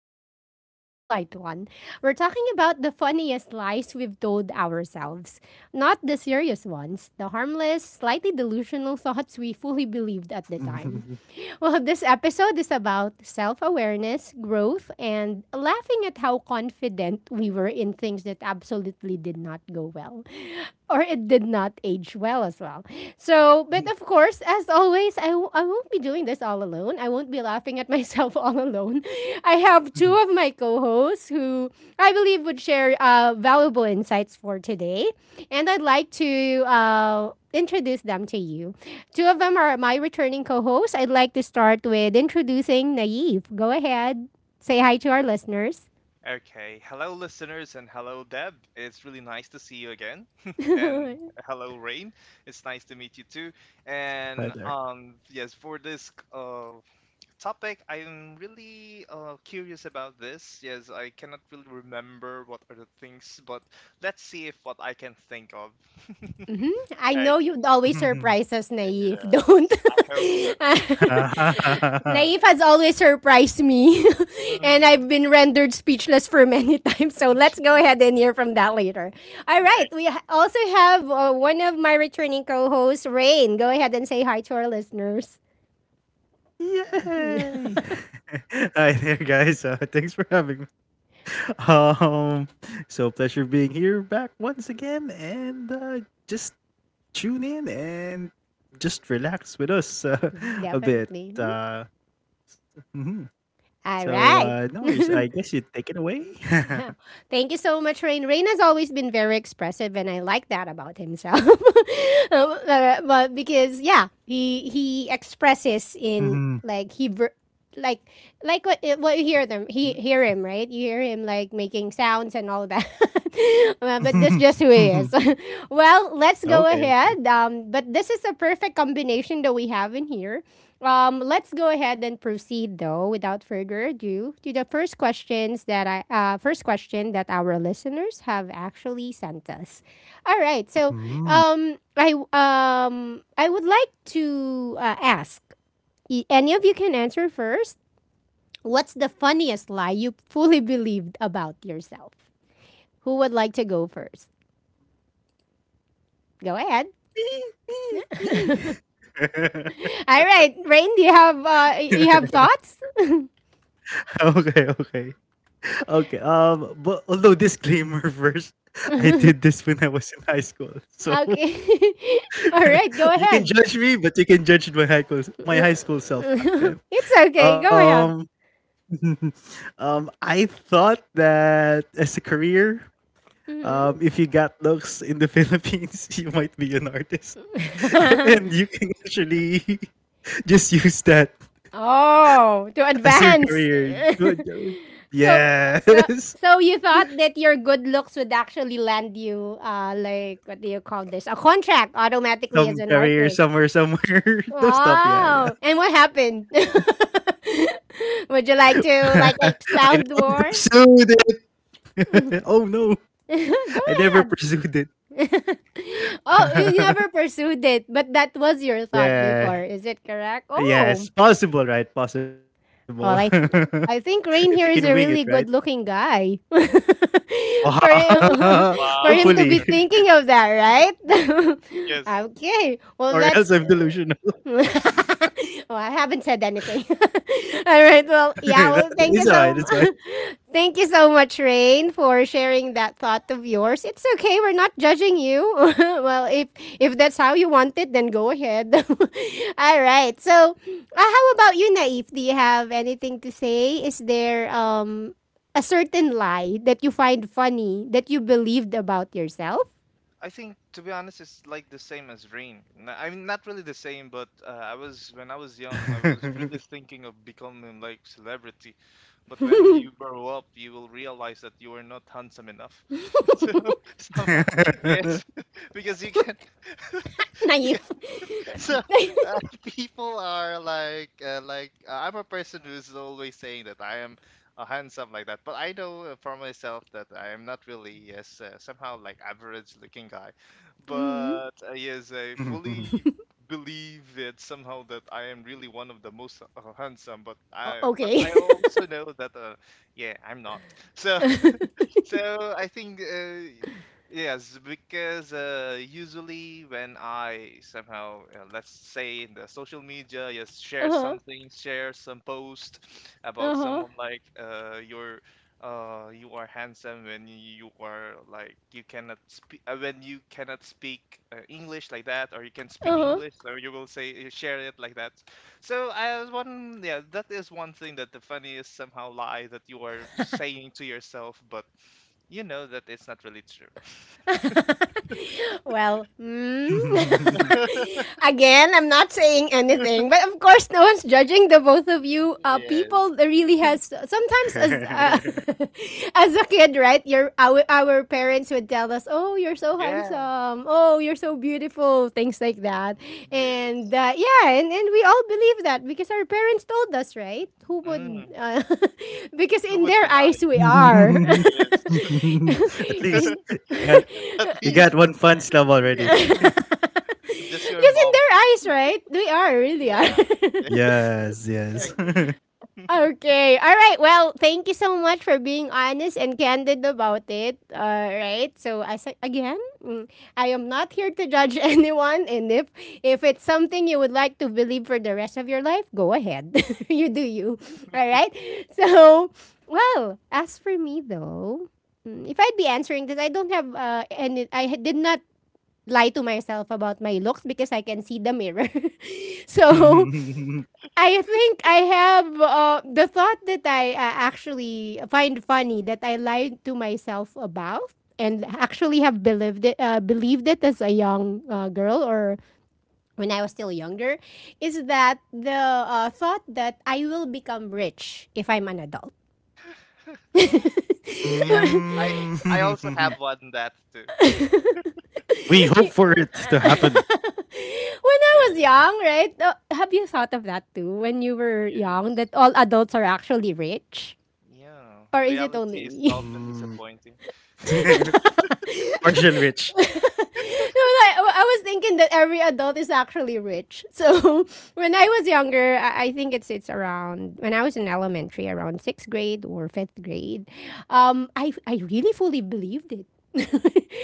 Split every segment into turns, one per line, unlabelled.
we're going to be having a light one. We're talking about the funniest lies we've told ourselves, not the serious ones, the harmless, slightly delusional thoughts we fully believed at the time. Well, this episode is about self awareness, growth, and laughing at how confident we were in things that absolutely did not go well or it did not age well as well. So, but of course, as always, I won't be doing this all alone. I won't be laughing at myself all alone. I have two of my co hosts who I believe would share valuable insights for today. And I'd like to introduce them to you. Two of them are my returning co hosts. I'd like to start with introducing Naive. Go ahead, say hi to our listeners.
Okay. Hello, listeners, and hello, Deb. It's really nice to see you again. And hello, Rain. It's nice to meet you too. And
Hi there.
yes, for this topic, I'm really curious about this. Yes, I cannot really remember what are the things, but let's see if what I can think of.
Mhm. I know
Okay.
you'd always surprise us, Naif. Don't.
Yes, I hope so.
Naif has always surprised me, and I've
Mhm.
been rendered speechless for many times. So let's go ahead and hear from that later. All right.
Okay.
Also have one of my returning co hosts, Rain. Go ahead and say hi to our listeners.
Yay! Hi there, guys. Thanks for having me. Um, so pleasure being here back once again, and just tune in and just relax with us a bit.
Definitely.
Uh, mhm.
All
So
right.
no worries. I guess you take it away.
Thank you so much, Rain. Rain has always been very expressive, and I like that about himself. But because yeah, he expresses in
Mhm.
like like what you hear them he hear him right. You hear him like making sounds and all that. But that's just who he is. Well, let's go
Okay.
ahead. But this is a perfect combination that we have in here. Let's go ahead and proceed though, without further ado, to the first question that our listeners have actually sent us. All right, so
Okay.
I would like to ask any of you can answer first. What's the funniest lie you fully believed about yourself? Who would like to go first? Go ahead.
Me, me, me.
All right, Rain, do you have you have thoughts?
Okay, okay. Okay. But although disclaimer first, I did this when I was in high school. So
Okay. All right, go
you can
ahead.
judge me, but you can judge my high school self back then.
It's okay. Go ahead.
Um I thought that as a career,
Mhm.
if you got looks in the Philippines, you might be an artist, and you can actually just use that as
Oh,
your
to
career.
advance. So,
Yes.
so, so you thought that your good looks would actually land you, like what do you call this? A contract automatically as
Some
an
career
artist.
somewhere, somewhere. Those stuff, yeah,
Wow!
yeah.
And what happened? Would you like to like
I never
expound more?
pursued it. Oh no.
Go
I never
ahead.
pursued it.
Oh, you never pursued it, but that was your thought before.
Yeah.
Is it correct? Oh,
Yes. Possible, right? Possible.
well, I th- I think
If you
Rain
can
here
wing
is a
it, right?
really good-looking guy for him for him
Wow.
to be
Hopefully.
thinking of that, right?
Yes.
Okay, well
Or else
that's
I'm delusional.
oh, I haven't said anything. All right. Well, yeah. Well,
It's
thank you
alright, it's fine.
thank you so much, Rain, for sharing that thought of yours. It's okay. We're not judging you. Well, if that's how you want it, then go ahead. All right. So, how about you, Naif? Do you have anything to say? Is there a certain lie that you find funny that you believed about yourself,
I think, to be honest, it's like the same as Rain. I mean, not really the same, but I was when I was young, I was really thinking of becoming like celebrity. But when you grow up, you will realize that you are not handsome enough. So, somehow, yeah, because you can
Naif?
so uh, people are like, I'm a person who's always saying that I am handsome, like that, but I know, for myself, that I am not really as, somehow, like average looking guy,
Mm.
but yes, I fully believe it somehow that I am really one of the most handsome, but i but
Okay.
i also know that, yeah, I'm not so. So I think, yes, because usually when I somehow, let's say, in the social media, yes, share
Uh-huh.
something, share some post
嗯
about
哼，
someone like, your. You are handsome when you are like you cannot speak, when you cannot speak, English like that, or you can
嗯
speak
哼，
English, or you will say you share it like that. So I was one. Yeah, that is one thing that the funniest somehow lie that you are saying to yourself, but you know that it's not really true.
well, again, I'm not saying anything, but of course, no one's judging the both of you.
Yes.
People that really has sometimes as as a kid, right? Our parents would tell us, "Oh, you're so
Yeah.
handsome. Oh, you're so beautiful." Things like that, and
Yes.
yeah, and we all believe that because our parents told us, right? Who would?
Mm.
Because
Who
in
would
their
deny
eyes, we are.
he is?
At least
In.
got,
At
you
least
got
Because
one fun slab
he
already.
is your
in
mom.
their eyes, right? They are, really
Yeah,
are.
Yes,
I
yes.
agree.
Okay. All right. Well, thank you so much for being honest and candid about it. All right. So, again, I am not here to judge anyone. And if it's something you would like to believe for the rest of your life, go ahead. You do you. All right. So, well, as for me, though, if I'd be answering this, I don't have any. Did not lie to myself about my looks because I can see the mirror. So
Mm.
I think I have the thought that I actually find funny that I lied to myself about and actually have believed it as a young girl or when I was still younger is that the thought that I will become rich if I'm an adult.
Yeah. I I also have one that too.
We hope
When
for it to happen.
Yeah.
I was young, right? Uh, have you thought of that too? When you were
Yeah.
young, that all adults are actually rich?
Yeah.
Or is it
Reality
only
is
me?
often
Mm.
disappointing.
Partial rich.
No, like, I was thinking that every adult is actually rich. So when I was younger, I think it's around when I was in elementary, around sixth grade or fifth grade. I really fully believed it.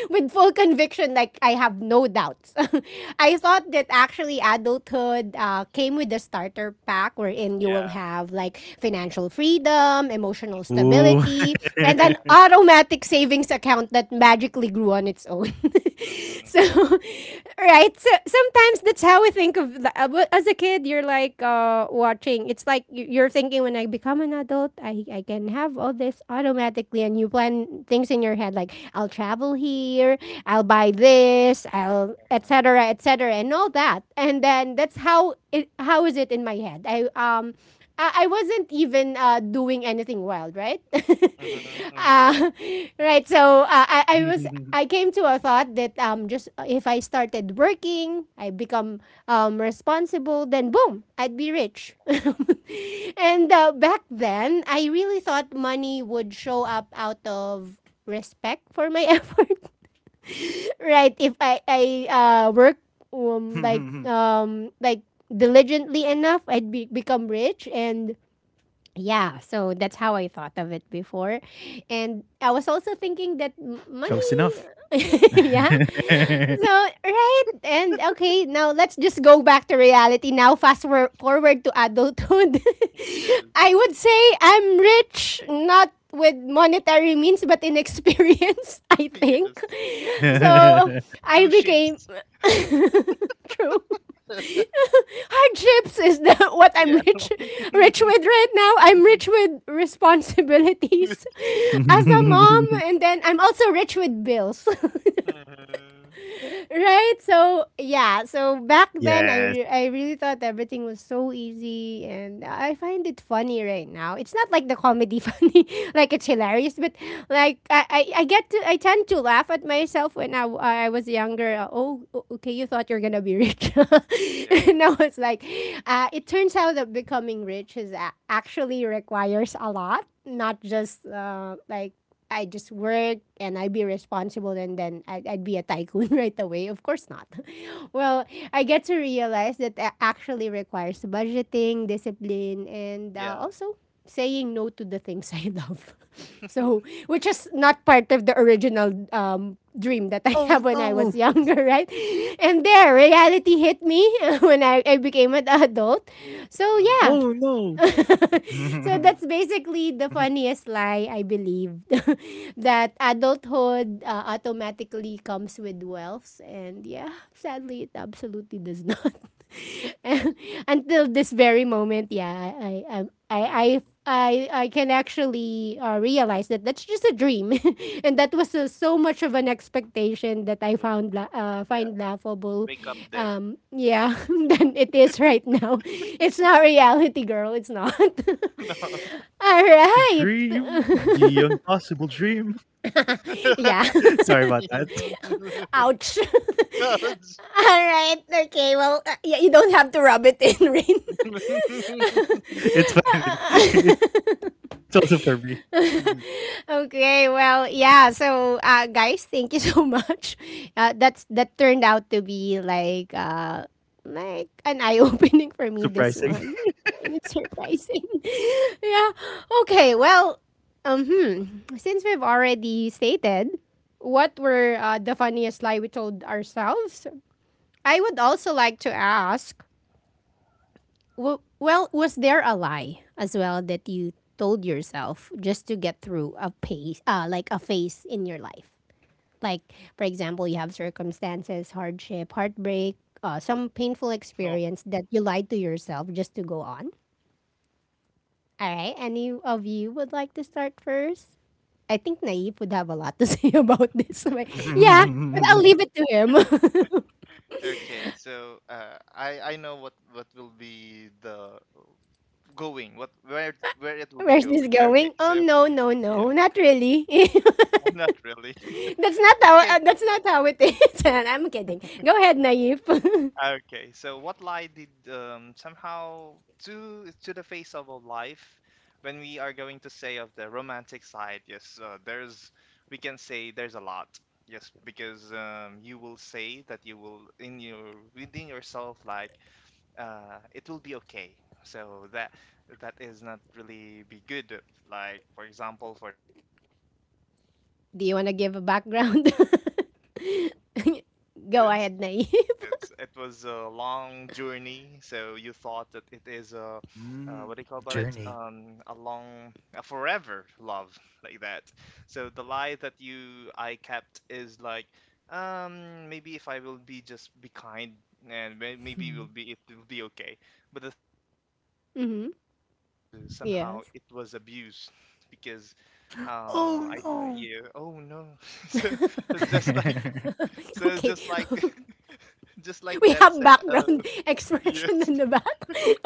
With full conviction, like I have no doubts. I thought that actually adulthood came with the starter pack, wherein you
Yeah.
will have like financial freedom, emotional
Mm.
Ooh.
stability, and an
Yeah.
automatic savings account that magically grew on its own.
Mm-hmm.
So, right? So sometimes that's how we think of but as a kid. You're like watching. It's like you're thinking when I become an adult, I can have all this automatically, and you plan things in your head like I'll travel here, I'll buy this, I'll
Yeah.
etc. etc. and all that. And then that's how it. How is it in my head? I wasn't even doing anything wild, right?
Mm-hmm. Mm-hmm.
Uh, right. So I was I came to a thought that just if I started working, I become responsible, then boom, I'd be rich. And back then, I really thought money would show up out of respect for my effort, right? If I I work um like um like diligently enough, become rich and yeah, so that's how I thought of it before. And I was also thinking that
Close
money.
enough.
Yeah. So, right. And okay, now let's just go back to reality. Now, forward to adulthood.
Yes.
I would say I'm rich, not with monetary means, but in experience, I think.
Yes.
So, I
Sushi.
became. True. Hardships is the what I'm
Yeah.
rich with right now. I'm rich with responsibilities as a mom and then I'm also rich with bills.
Mhm.
Right? So yeah, so back then
Yes.
I really thought everything was so easy, and I find it funny right now. It's not like the comedy funny, like it's hilarious, but like I get to I tend to laugh at myself when I was younger. Okay, you thought you're gonna be rich,
Yeah.
and I was like, it turns out that becoming rich is actually requires a lot, not just like I just work and I'd be responsible and then I'd be a tycoon right away. Of course not. Well, I get to realize that that actually requires budgeting, discipline, and
Yeah.
also saying no to the things I love. So, which is not part of the original dream that I
Oh
have when I was
no.
younger, right? And there, reality hit me when I became an adult. So,
Mhm.
yeah,
Oh no.
so that's basically the funniest lie I believe that adulthood automatically comes with wealth and yeah sadly it absolutely does not until this very moment yeah I I'm
Mm,
I can actually realize that that's just a dream, and that was so much of an expectation that I
yeah.
found
Yeah.
find laughable.
Wake up dead.
Yeah, than it is right now. It's not reality, girl. It's not.
To
All
dream
right.
the impossible dream.
Yeah.
Sorry about that.
Ouch. All right. Okay. Well, yeah, you don't have to rub it in, Rain. Uh,
It's fine.
uh,
It's also for
uh.
me.
Okay, well, yeah. So, guys, thank you so much. That turned out to be like an eye opening for me.
Surprising.
This one, and it's surprising. Yeah. Okay. Well, since we've already stated what were the funniest lie we told ourselves, I would also like to ask. Well, was there a lie as well that you told yourself just to get through a pace, like a phase in your life? Like, for example, you have circumstances, hardship, heartbreak, some painful
Oh.
experience that you lied to yourself just to go on. All right, any of you would like to start first? I think Naif would have a lot to say about this. Yeah, but I'll leave it to him.
Okay, so, I know what will be the going, what, where it will be
Where's this
going. Okay,
going?
so
Um, no, no,
yeah,
no, not really.
not really. Okay.
That's not how it is. I'm kidding. Go ahead, Naif.
Okay, so what lie did, somehow, to the face of a life when we are going to say of the romantic side? Yes, there's, we can say there's a lot. Yes, because, you will say that you will, in your, within yourself, like, it will be okay. So that is not really be good. Like, for example, for the breakup of the 7 years
Do you want to
experience.
give a background?
Yeah, the 7 years
Go
experience.
ahead, Naif.
It was a long journey, so you thought that it is, what do
Mm.
you call about it?
Journey.
A long, a forever love, like that. So the lie that you I kept is like, maybe if I will be just be kind, and maybe it will be okay. But the thing is, the
hmm
kindness is somehow,
Yes.
it was abused because, uh,
Oh
I
no!
yeah, oh no. So it's just like so it's
Okay.
just like just like
We
Deb
have
said,
background expression
yes.
in the back.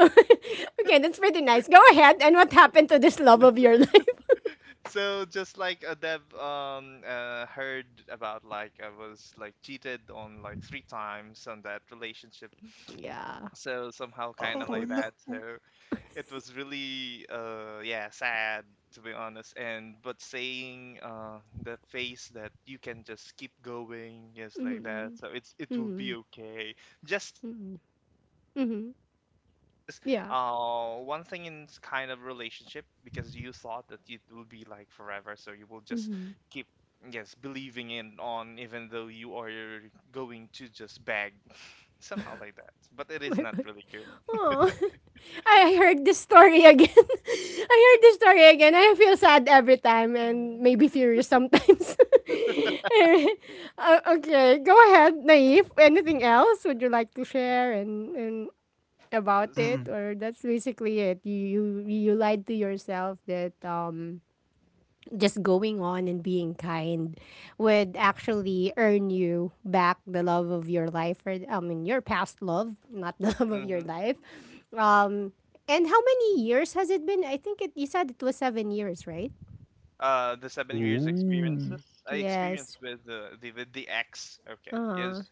Okay, that's pretty nice. Go ahead. And what happened to this love of your life?
So, just like, Deb, heard about, like, I was like cheated on like three times on that relationship,
Yeah.
so somehow kind of
Oh
like
no!
that. So it was really, yeah, sad, to be honest. And but saying, the face that you can just keep going, yes, like that,
Mm-hmm.
so it's, it will
Mm-hmm.
be okay, just to,
Mm-hmm.
get through to
Mm-hmm.
the face of life because,
Yeah.
one thing in, kind of relationship, because you thought that it will be like forever, so you will just
Mm-hmm.
keep, yes, believing in on, even though you are going to just bag somehow like that, but it is not
Bye-bye.
really good.
Oh, I heard this story again. I heard this story again. I feel sad every time and maybe furious sometimes. Anyway, okay, go ahead, Naif. Anything else would you like to share and about
Mm.
it, or that's basically it? You lied to yourself that just going on and being kind would actually earn you back the love of your life, or I mean your past love, not the love of your life. Um, and how many years has it been? I think it you said it was 7 years, right?
The 7 years
Ooh.
experiences I experienced
Yes.
with the X. Okay,
Uh-huh.
yes,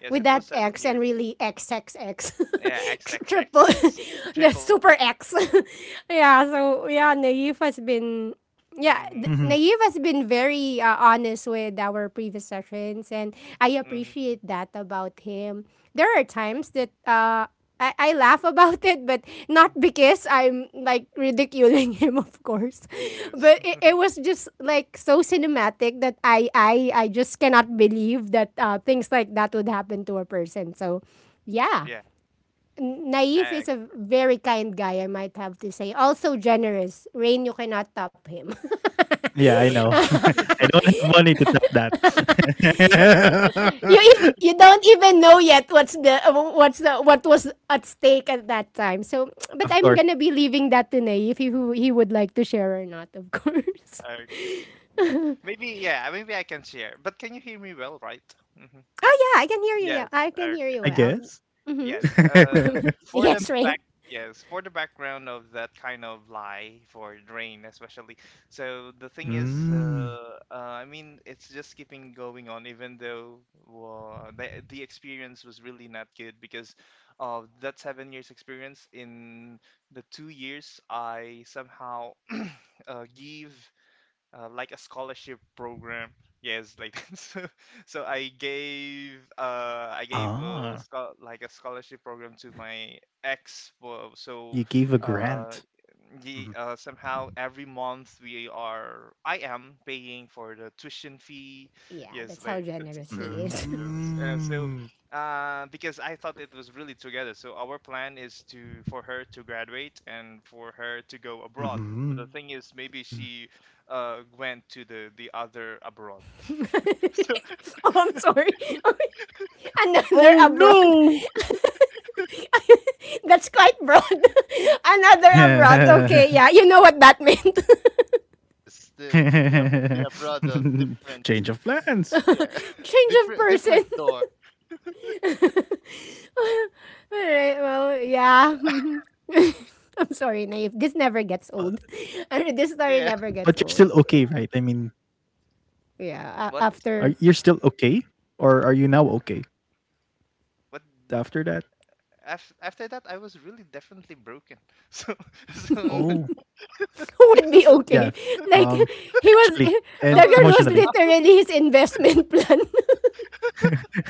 yes,
With
it
that
was seven
X and
years.
really XXX.
Yeah, X X X
Triple
X
the
triple X.
super X. Yeah, so yeah, Naif has
So,
been, yeah,
mm-hmm,
Mhm.
Naive has been very honest with our previous sessions, and I
hmm,
appreciate that about him. There are times that I laugh about it, but not because I'm like ridiculing him, of course.
yes,
But it was just like so cinematic that I just cannot believe that things like that would happen to a person. So, yeah.
yeah.
Naif
X,
is a very kind guy, I might have to say. Also generous. Rain, you cannot top him.
Yeah, I
You
know. I don't have money to top that.
you don't even know yet what's the what was at stake at that time. So, but
Of
I'm
course,
gonna be leaving that to Naif if he would like to share or not, of course.
okay, maybe, yeah, maybe I can share. But can you hear me well, right? Mm hmm.
Oh yeah, I can hear you. Yeah,
Yes.
I can hear
Okay.
you
I
well.
guess.
Yes. For the
Yes, Rain.
back, yes, for the background of that kind of lie for Drain, especially. So the thing is,
Mm.
I mean, it's just keeping going on, even though, the experience was really not good because of that 7 years experience. In the 2 years, I somehow give, like a scholarship program. Yes, like that. So I gave a,
Ah,
scho- like a scholarship program to my ex. So
you gave a
uh
grant.
Ye Somehow every month we are I am paying for the tuition fee,
Yeah,
yes,
that's
like
how
that.
generous
So,
he is.
yes,
Mm.
because I thought it was really together. So our plan is, to for her to graduate and for her to go abroad. But the
Mhm.
thing is, maybe she, went to the other abroad.
Oh, I'm sorry. Another
Oh
abroad.
no!
That's quite broad. Another abroad. Okay,
So,
yeah. You know
yeah,
what that meant.
yes, the abroad of different,
Change of
yeah,
plans.
Change of
different
person.
different door.
All right. Well, yeah. I'm sorry, naive. This never gets old. I
But,
mean, this story
Yeah.
never gets
but you're still
old.
okay, right? I mean,
Yeah,
What?
are
after
you're still okay, or are you now okay
What
after that?
After that I was really definitely broken. So, so,
Oh,
would be
so
yeah.
okay.
Um,
Like he
Actually,
was, the
I
and
will,
girl was
emotionally.
literally his investment plan.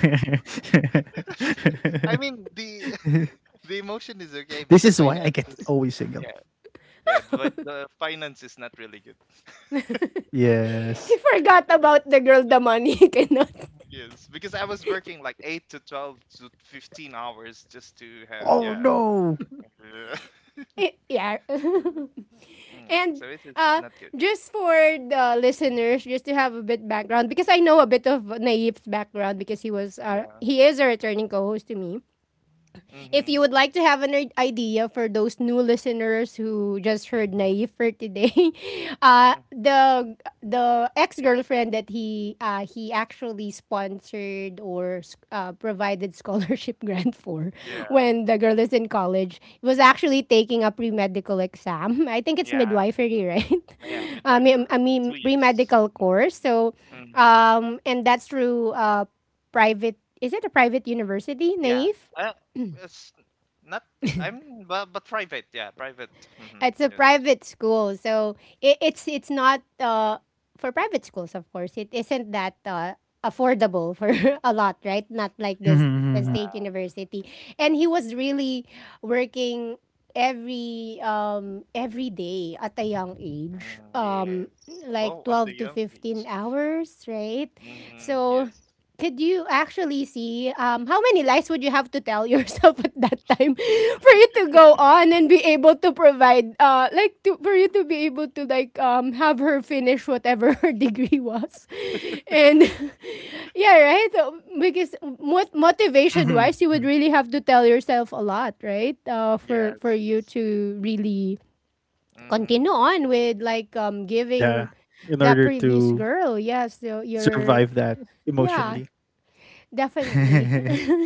I mean, the the emotion is okay, but the
This
finance
is why
is,
I get
yeah,
always single.
yeah, but the finance is not really good.
He forgot
Yes.
Yes.
about the girl, the money he cannot.
Yes, because I was working like 8 to 12 to 15 hours just to have, yeah.
Oh no.
Yeah.
Yeah.
Yeah,
And
so it is
uh,
not good.
just for the listeners, just to have a bit background, because I know a bit of Naif's background because he was
Yeah.
he is a returning co-host to me. If
Mm-hmm.
you would like to have an idea for those new listeners who just heard Naive for today, uh,
Mm,
the the ex girlfriend that he actually sponsored or provided scholarship grant for
yeah.
when the girl is in college was actually taking a pre medical exam. I think it's
Yeah.
midwifery, right?
Yeah. Midwifery.
I
Two
mean pre
years.
medical course. So,
Mm-hmm.
and that's through private, is it a private university,
Yeah.
naive?
Uh, it's not. But private. Yeah, private. Mhm.
It's a
Yes.
private school, so it's not for private schools, of course. It isn't that affordable for a lot, right? Not like
Mhm,
this the
mhm, mhm.
state university. And he was really working every day at a young age,
Mm, yes.
um, like
Well, at the
12 to
young
15
age.
hours, right?
Mm-hmm.
So
Yes.
could you actually see, how many lies would you have to tell yourself at that time for you to go on and be able to provide, like to, for you to be able to like, have her finish whatever her degree was, and yeah, right, so, because motivation
Mhm,
wise you would
mhm.
really have to tell yourself a lot, right, for
Yes.
you to really
Mm-hmm.
continue on with like,
Yeah,
giving
in
that
order
previous
to
girl, yes, so you're,
survive that
yeah.
emotionally.
Definitely.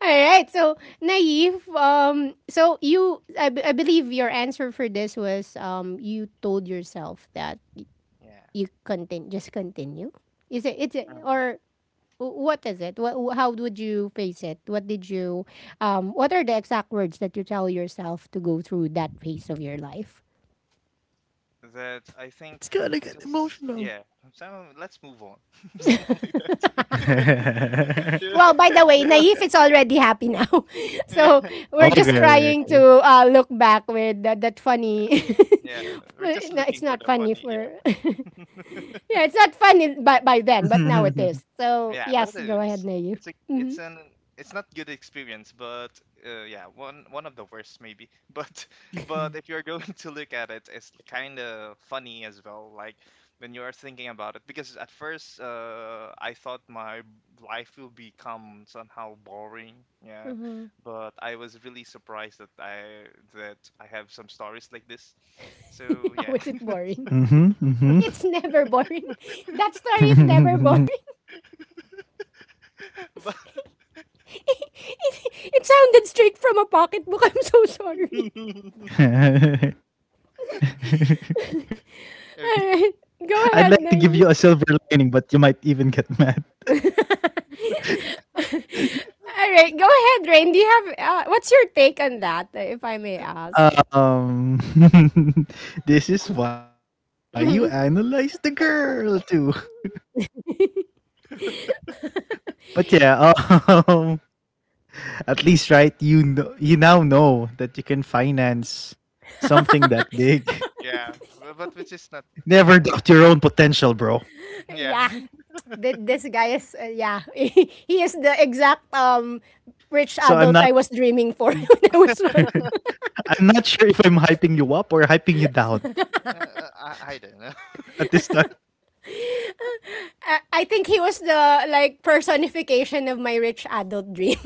All right. So, naive. So you, I, I believe your answer for this was. You told yourself that
Yeah.
you continue, just continue. Is it?
Mhm.
Or what is it? What? How would you face it? What did you? What are the exact words that you tell yourself to go through that phase of your life?
It's
That I
gonna get
think, I just,
emotional.
yeah. So let's move on. Someone like that.
Mm-hmm.
you
Well, by the way,
you
Naif
know.
is already happy now.
Yeah.
So we're
Yeah.
just
Okay,
trying
okay,
to
okay.
look back with that, that
Yeah.
funny.
Yeah. We're just
No, it's
looking for
not
the
funny
funny. Yeah.
for. Yeah, it's not funny by then, but now it is. So,
Yeah, but
yes,
it
go ahead,
is.
Naif.
It's like,
Mm-hmm.
it's not good experience, but, yeah, one of the worst, maybe. But if you're going to look at it, it's kind of funny as well. Like, when you are thinking about it, because at first, I thought my life will become somehow boring. Yeah,
Uh-huh.
but I was really surprised that I have some stories like this. So
How
yeah.
is it boring?
Mm-hmm. Mm-hmm.
It's never boring. That story is never boring. it, it sounded straight from a pocketbook. I'm so sorry. All
I'd
right.
like to give
Go
you a
ahead,
silver
Naif.
lining, but you might even get mad.
All right, go ahead, Rain. Do you have, what's your take on that, if I may ask?
Um, this is why you analyze the
Mhm.
girl too. But yeah, um, at least, right, you now know that you can finance something that big.
Yeah, but which is not.
Never
Yeah,
doubt your own potential, bro.
yeah.
Yeah, This guy is yeah, he is the exact rich adult I was
So i'm not
dreaming for when I was young.
i'm not sure if I'm hyping you up or hyping you down.
I don't know.
At this time.
I think he was the like personification of my rich adult dream.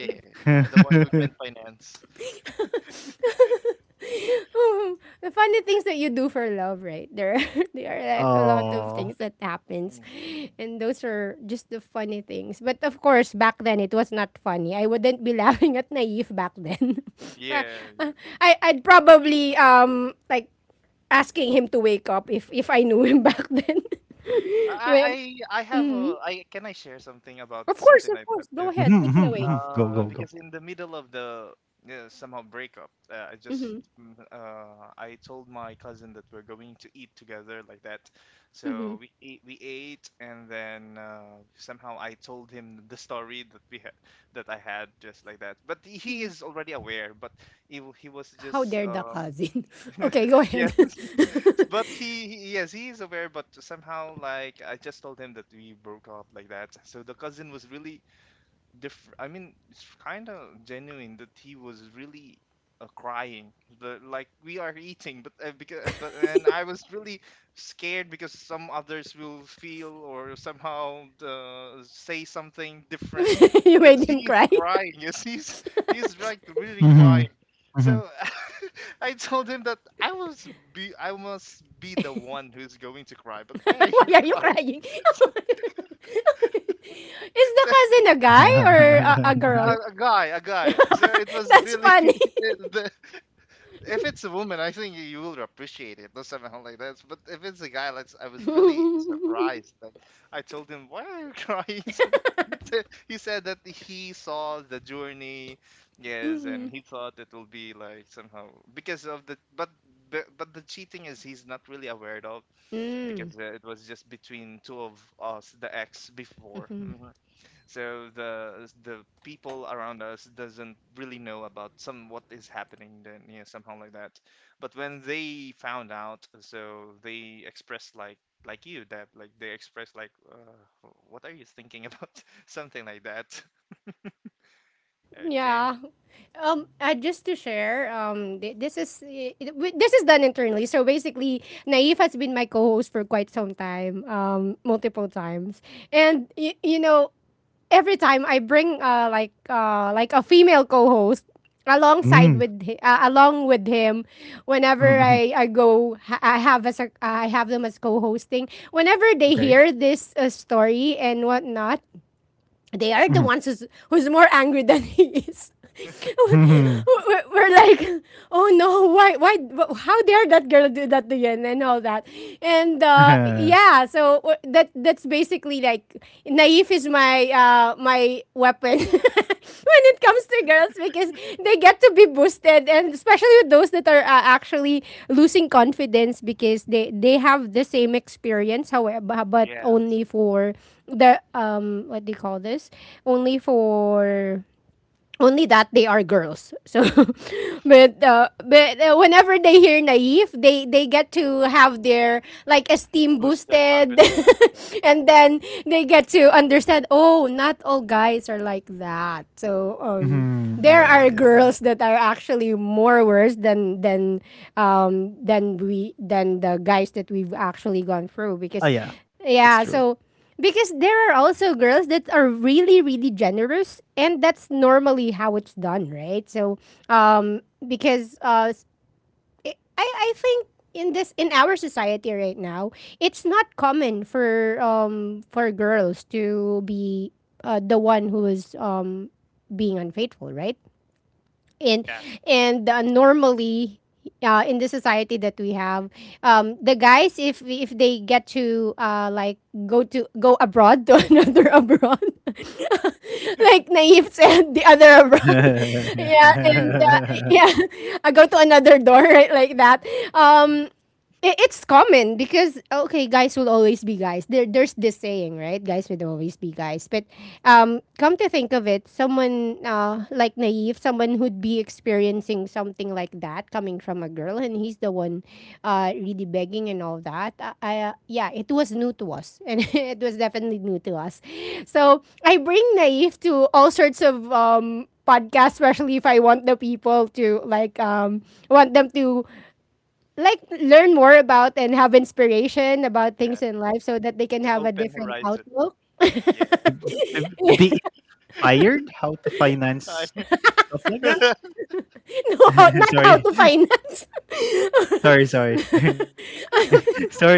Yeah, the one who can finance.
The funny things that you do for love, right? There, there are like a lot of
Oh.
things that happens,
Hmm.
and those are just the funny things. But of course, back then it was not funny. I wouldn't be laughing at naive back then. Uh,
Yeah, yeah.
uh, I I'd probably like asking him to wake up if I knew him back then. Well,
I have
mhm.
a I Can I share something about
Of course,
something
of
like
course. Go
this?
Mhm,
ahead, take
mhm,
it away.
mhm. Go, go, go.
Because in the middle of the, yeah, somehow, breakup, I just,
hmm
I told my cousin that we're going to eat together, like that.
hmm
So we ate, and then, somehow I told him the story that I had, just like that. But he is already aware, but he was
How
just
dare the
um.
cousin? Okay, go
Yeah.
ahead.
But he, yes, he is aware, but somehow, like, I just told him that we broke up, like that. So the cousin was really, I mean, it's kind of genuine, that he was really, crying. Like, we are eating, but, because but and I was really scared because some others will feel, or somehow, say something different
You
because
made him
he's
cry.
crying. Yes, he's like really crying.
Mhm, mhm.
So I told him that I must be the one who's going to cry. But why are you
Why are you
crying?
crying? Is the
So,
cousin a guy or a girl?
a guy, a guy. So it was
That's
really
funny.
the, if it's a woman, I think you will appreciate it, not something like that. But if it's a guy, like, I was really surprised. Like, I told him, "Why are you crying?" He said that he saw the journey, yes, and
Mm.
he thought it will be like somehow because of the cheating, is, he's not really aware of,
Mm.
because, it was just between two of us, the ex before. Mm-hmm. So the people around us doesn't really know about some what is happening then, yeah, somehow like that. But when they found out, so they expressed like you that like they expressed like, what are you thinking about something like that. Okay.
Yeah. Just to share, thi- this is I- it- wi- this is done internally. So basically, Naif has been my co-host for quite some time, multiple times, and you know, every time I bring, like, like a female co-host alongside
Mm,
with along with him whenever
mhm, mhm.
I I have as a, I have them as co-hosting whenever they
Okay.
hear this, story and whatnot, they are the
Mhm,
ones who's more angry than he is.
mhm.
We're like, oh no, why, how dare that girl do that to Yen and all that, and, yeah, so, that that's basically like naive is my, my weapon happen when it comes to girls because they get to be boosted and especially with those that are, actually losing confidence because they have the same experience however but
Yes.
only
To
for the what do you call this, only for only that they are girls. So, but, whenever they hear naive, they get to have their like esteem
boost their
boosted,
confidence.
and then they get to understand. Oh, not all guys are like that. So,
Mm.
Mhm,
there
yeah,
are
yeah.
girls that are actually more worse than than we than the guys that we've actually gone through
Oh
because,
yeah,
yeah.
it's true.
So because there are also girls that are really, really generous, and that's normally how it's done, right? So, um, because I think in this in our society right now, it's not common for girls to be, the one who is being unfaithful, right? and
Yeah.
and normally, in the society that we have, the guys if they get to, like go abroad to another abroad like naive said, the other abroad
to,
yeah and, yeah I go to another door right like that
Mm.
um, it's common because okay, guys will always be guys. There's this saying, right? Guys will always be guys. But come to think of it, someone, like naive, someone who'd be experiencing something like that coming from a girl, and he's the one, really begging and all that. Yeah, it was new to us, and it was definitely new to us. So I bring naive to all sorts of, podcasts, especially if I want the people to like, want them to like learn more about and have inspiration about
Yeah,
things in life so that they can
to
have a
open
different
horizon.
outlook. No,
Yeah.
to, to be inspired how to finance
I
stuff like that.
not how
Sorry,
to finance.
sorry, sorry, sorry if I'm.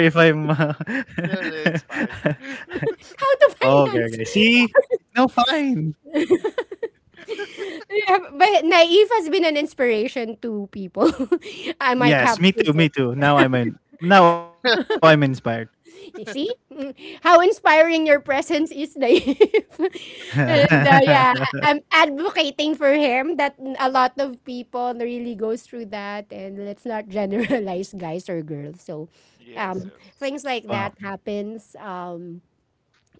No, no, it's fine.
How
Okay,
to
okay.
finance.
See, no, fine.
Yeah, but Naive has been an inspiration to people. I might
Yes,
have
me
to
too,
say.
me too. Now I'm in. Now I'm inspired.
See? How inspiring your presence is, Dave. and yeah, I'm advocating for him that a lot of people really goes through that, and let's not generalize guys or girls. So
Yes.
um
Yes.
Mhm,
things like that
wow.
happens.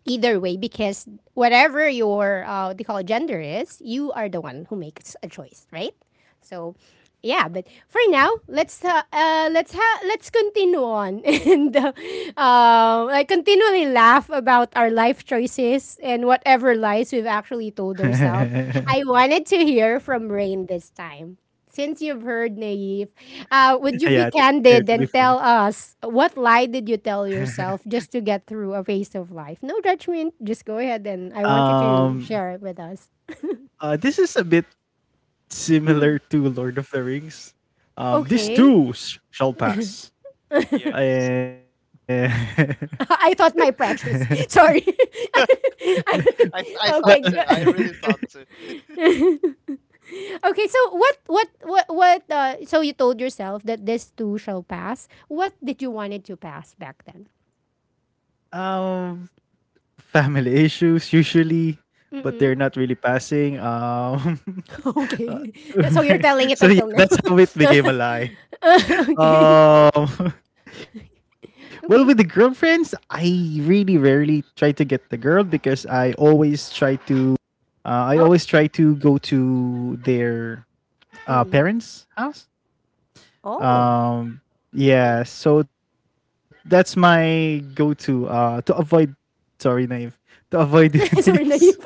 Either way, because whatever your what they call gender is, you are the one who makes a choice, right? So yeah, but for now, let's continue on and like continually laugh about our life choices and whatever lies we've actually told ourselves. I
Yeah,
wanted to hear from Rain this time, since you've heard Naive. Would you
to
be
be
candid
fair,
and
to be
tell us, what lie did you
fair.
tell yourself just to get through a phase of life? No judgment. Just go ahead, and I want you to
um,
share it with us.
this is a bit
Mhm.
similar to Lord of the Rings. These
Oh,
Okay.
two shall
okay.
pass.
Yeah,
Eh,
I thought, my precious. Sorry. I-
I,
Well,
I thought
okay.
so. I
g-
really thought so.
Okay. So what? What? What? What? So you told yourself that this too shall pass. What did you want it to pass back
um, family issues usually, but
then?
they're not really passing. Uh,
Okay. So you're telling it
so
until
yeah,
now.
that's how it became a lie.
Okay.
Um, well, with the
Okay.
girlfriends, I really rarely try to get the girl because I always try to. I
Oh,
always try to go to their
mm.
parents' house.
Oh.
Um,
Oh.
yeah, so that's my go-to to avoid, sorry, Naive, to avoid names
Sorry, Naip.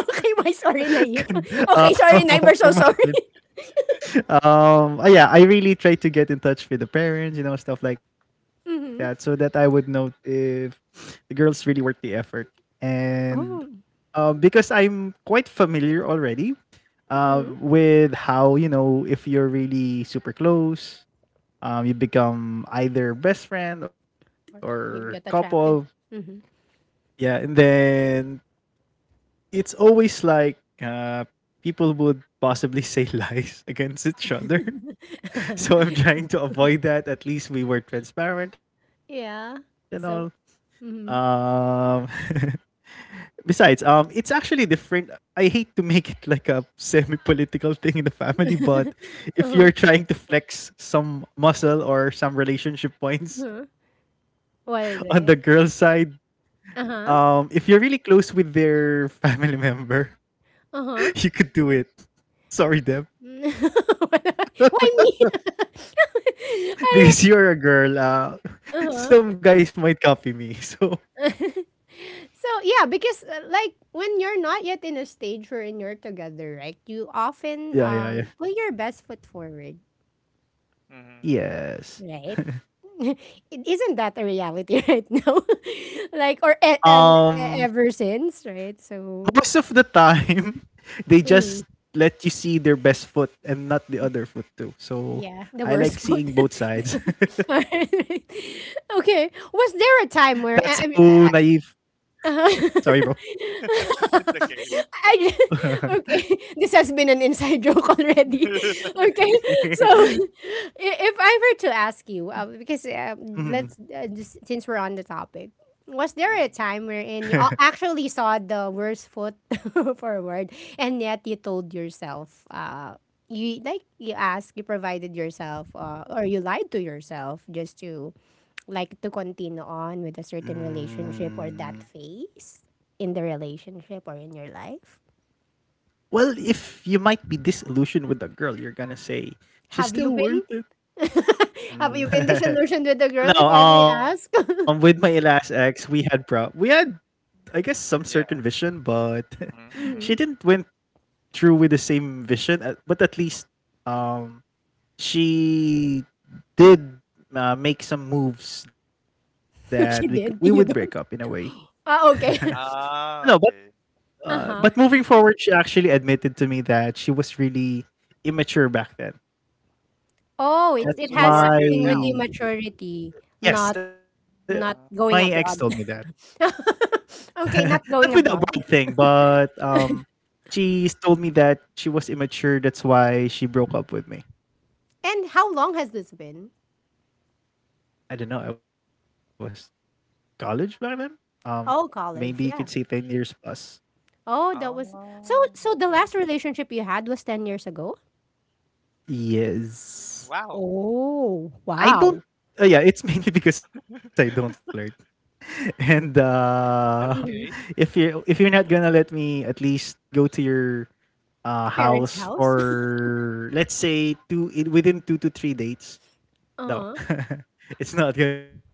Okay, why sorry, Naip?
uh,
Okay, sorry, Naip.
from
We're so
happening.
sorry.
Yeah, I really try to get in touch with the parents, stuff like that, so that I would
Mm-hmm.
know if the girls really worth the effort. And
Oh.
because I'm quite familiar already
Mm-hmm.
with how you know if you're really super close. You become either best friend or
You
couple.
get attracted. Mm-hmm.
Yeah, and then it's always like people would possibly say lies against each other. So I'm trying to avoid that. At least we were transparent and all.
Yeah. So,
Um,
mm-hmm.
Besides, it's actually different. I hate to make it like a semi-political thing in the family, but
Uh-huh.
if you're trying to flex some muscle or some
Uh-huh.
relationship points
What is
on the
it?
girl side.
Uh-huh.
If you're really close with their family member,
Uh-huh.
you could do it. Sorry, Deb,
Why me? All right.
because you're a girl. Some
Uh-huh.
guys might copy me. So
So yeah, because like when you're not yet in a stage wherein you're together, right? You often
yeah, yeah, yeah.
put your best foot forward,
Mhm.
right?
Yes.
it isn't that a reality right now, like or e- and e-
Um,
ever since, right? So.
Most of the time, they
Mm,
just let you see their best foot and not the other foot too.
yeah, the
So
worst foot.
I like seeing both
Alright.
sides.
Right. Okay, was there a
That's
time where
how
I,
naive.
uh huh.
Sorry, bro.
It's okay.
I ju- okay, this has been an inside joke already. Okay, so if I were to ask you, because let's
Mhm.
just since we're on the topic, was there a
Mhm.
time wherein you actually saw the worst foot forward, and yet you told yourself, you like you asked, you provided yourself, or you lied to yourself just to like to continue on with a certain relationship or
Mm.
that phase in the relationship or in your life?
Well, if you might be disillusioned with the girl, you're gonna say
Have you
she's
been?
still worth it.
Have you been disillusioned with a
Mm.
girl, if I may
No,
ask?
with my last ex, we had, I guess, some
Yeah.
certain vision, but
Mhm. Mhm.
Mm.
she didn't went through with the same vision. But at least, um, she did make some moves that we would break
She
up in a
did.
way.
You don't. Ah, okay.
No, but
Ah, okay.
but
Uh
moving
huh.
forward, she actually admitted to me that she was really immature back then.
Oh, it's
That's
Oh,
it
so you
has
are
why,
good
something with the
now.
maturity,
yes,
not
the my
not
ex
Uh,
told me
going
that.
abroad.
Not
Okay,
with
not
the
going
abroad
abroad.
thing, but, she told me that she was immature, that's why she broke up with me.
And how long has this been?
I don't know, I was college back then? Um, Maybe you
Oh,
could say
college.
10
Yeah.
years plus.
Oh, that was so.
oh,
So the
okay.
last relationship you had was 10 years ago.
Yes.
Wow.
Oh,
I don't
wow.
Yeah, it's mainly because I don't flirt. And,
Mhm.
if
Okay.
you're not gonna let me at least go to your house
Parents' house.
for let's say two in within 2 to 3 dates. No,
Uh-huh.
it's not gonna happen.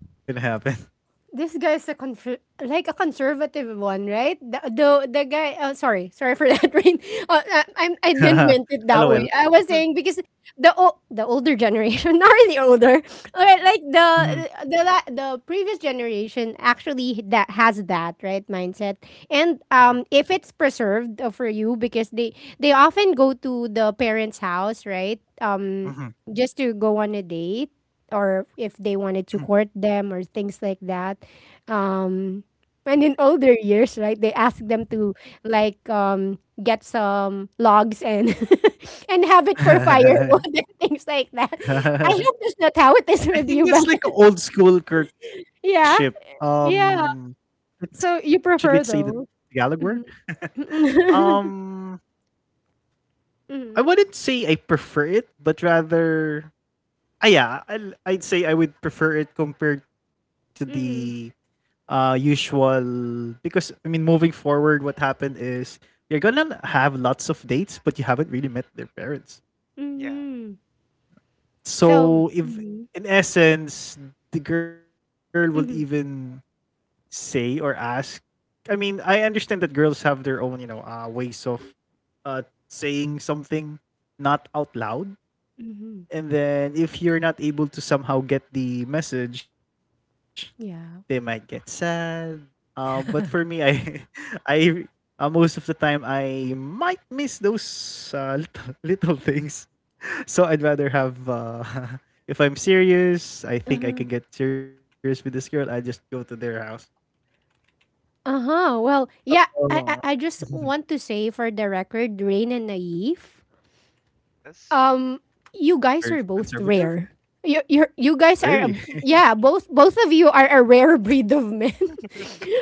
This guy's a conservative one, right? The guy. Sorry, sorry for that. Rain. I didn't meant it
LOL.
that way. I was saying because the older generation, not really older. All right, like the
Mhm,
the previous generation actually, that has that right mindset,
mhm,
and if it's preserved for you, because they often go to the parents' house, right?
mhm,
Just to go on a date, or if they wanted to
mhm,
court them or things like that.
mhm.
Um, and in older years, right, they ask them to like get some logs and and have it for firewood and things like that. I hope that's not how it is
I
with
think
you, but
that's like an old school courtship.
yeah, yeah.
It's, should
So
we
you
say the
prefer those.
Tagalog word?
Mm-hmm.
Um, I
Mm-hmm.
wouldn't say I prefer it, but rather, yeah, I'd say I would prefer it compared to the
Mm-hmm.
usual, because I mean moving forward what happened is you're gonna have lots of dates but you haven't really met their parents.
Yeah.
Mm-hmm. So,
So if
mm-hmm.
in essence the girl will even
Mm-hmm.
say or ask, I mean I understand that girls have their own, ways of uh saying something not out loud.
Mm-hmm.
And then if you're not able to somehow get the message, they might get
Yeah.
sad. But for me, I, I, most of the time, I might miss those little, little things. So I'd rather have, if I'm serious, I think I can get serious with this girl. I just go to their house.
Uh-huh. Well, yeah,
Oh.
I just want to say for the record, Rain and Naif,
Yes.
um, you guys
Very
are both
conservative,
rare. You guys are a,
really.
yeah, both both of you are a rare breed of men.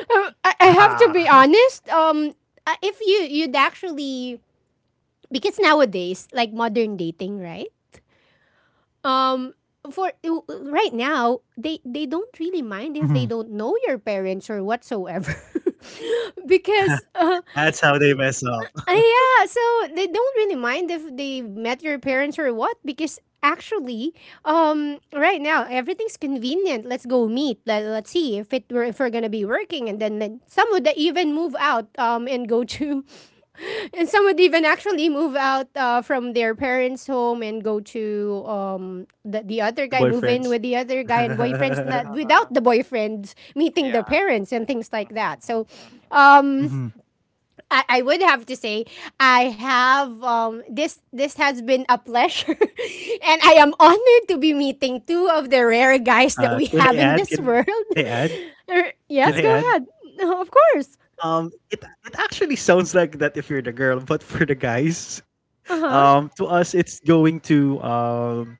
I
Ah.
have to be honest. If you you'd actually, because nowadays, like modern dating, right? Um, for right now, they
Mhm.
don't really mind if they don't know your parents or whatsoever. because
That's how they mess up,
Ah, yeah, so they don't really mind if they met your parents or what, because actually, right now everything's convenient. Let's go meet. Let's see if it were if we're gonna be working, and then some would even move out and go to, and some would even actually move out from their parents' home and go to the other guy, move in
boyfriends.
with the other guy and boyfriends, not without the boyfriends meeting the
Yeah.
parents and things like that. So,
Mhm.
Mhm.
um I would have to say I have this this has been a pleasure and I am honored to be meeting two of the rare guys that we
Can I
have in
add?
this
Can I add?
world.
Can I add?
Yes, go
Okay.
ahead. Of course.
It actually sounds like that if you're the girl, but for the guys,
Uh-huh.
to us it's going to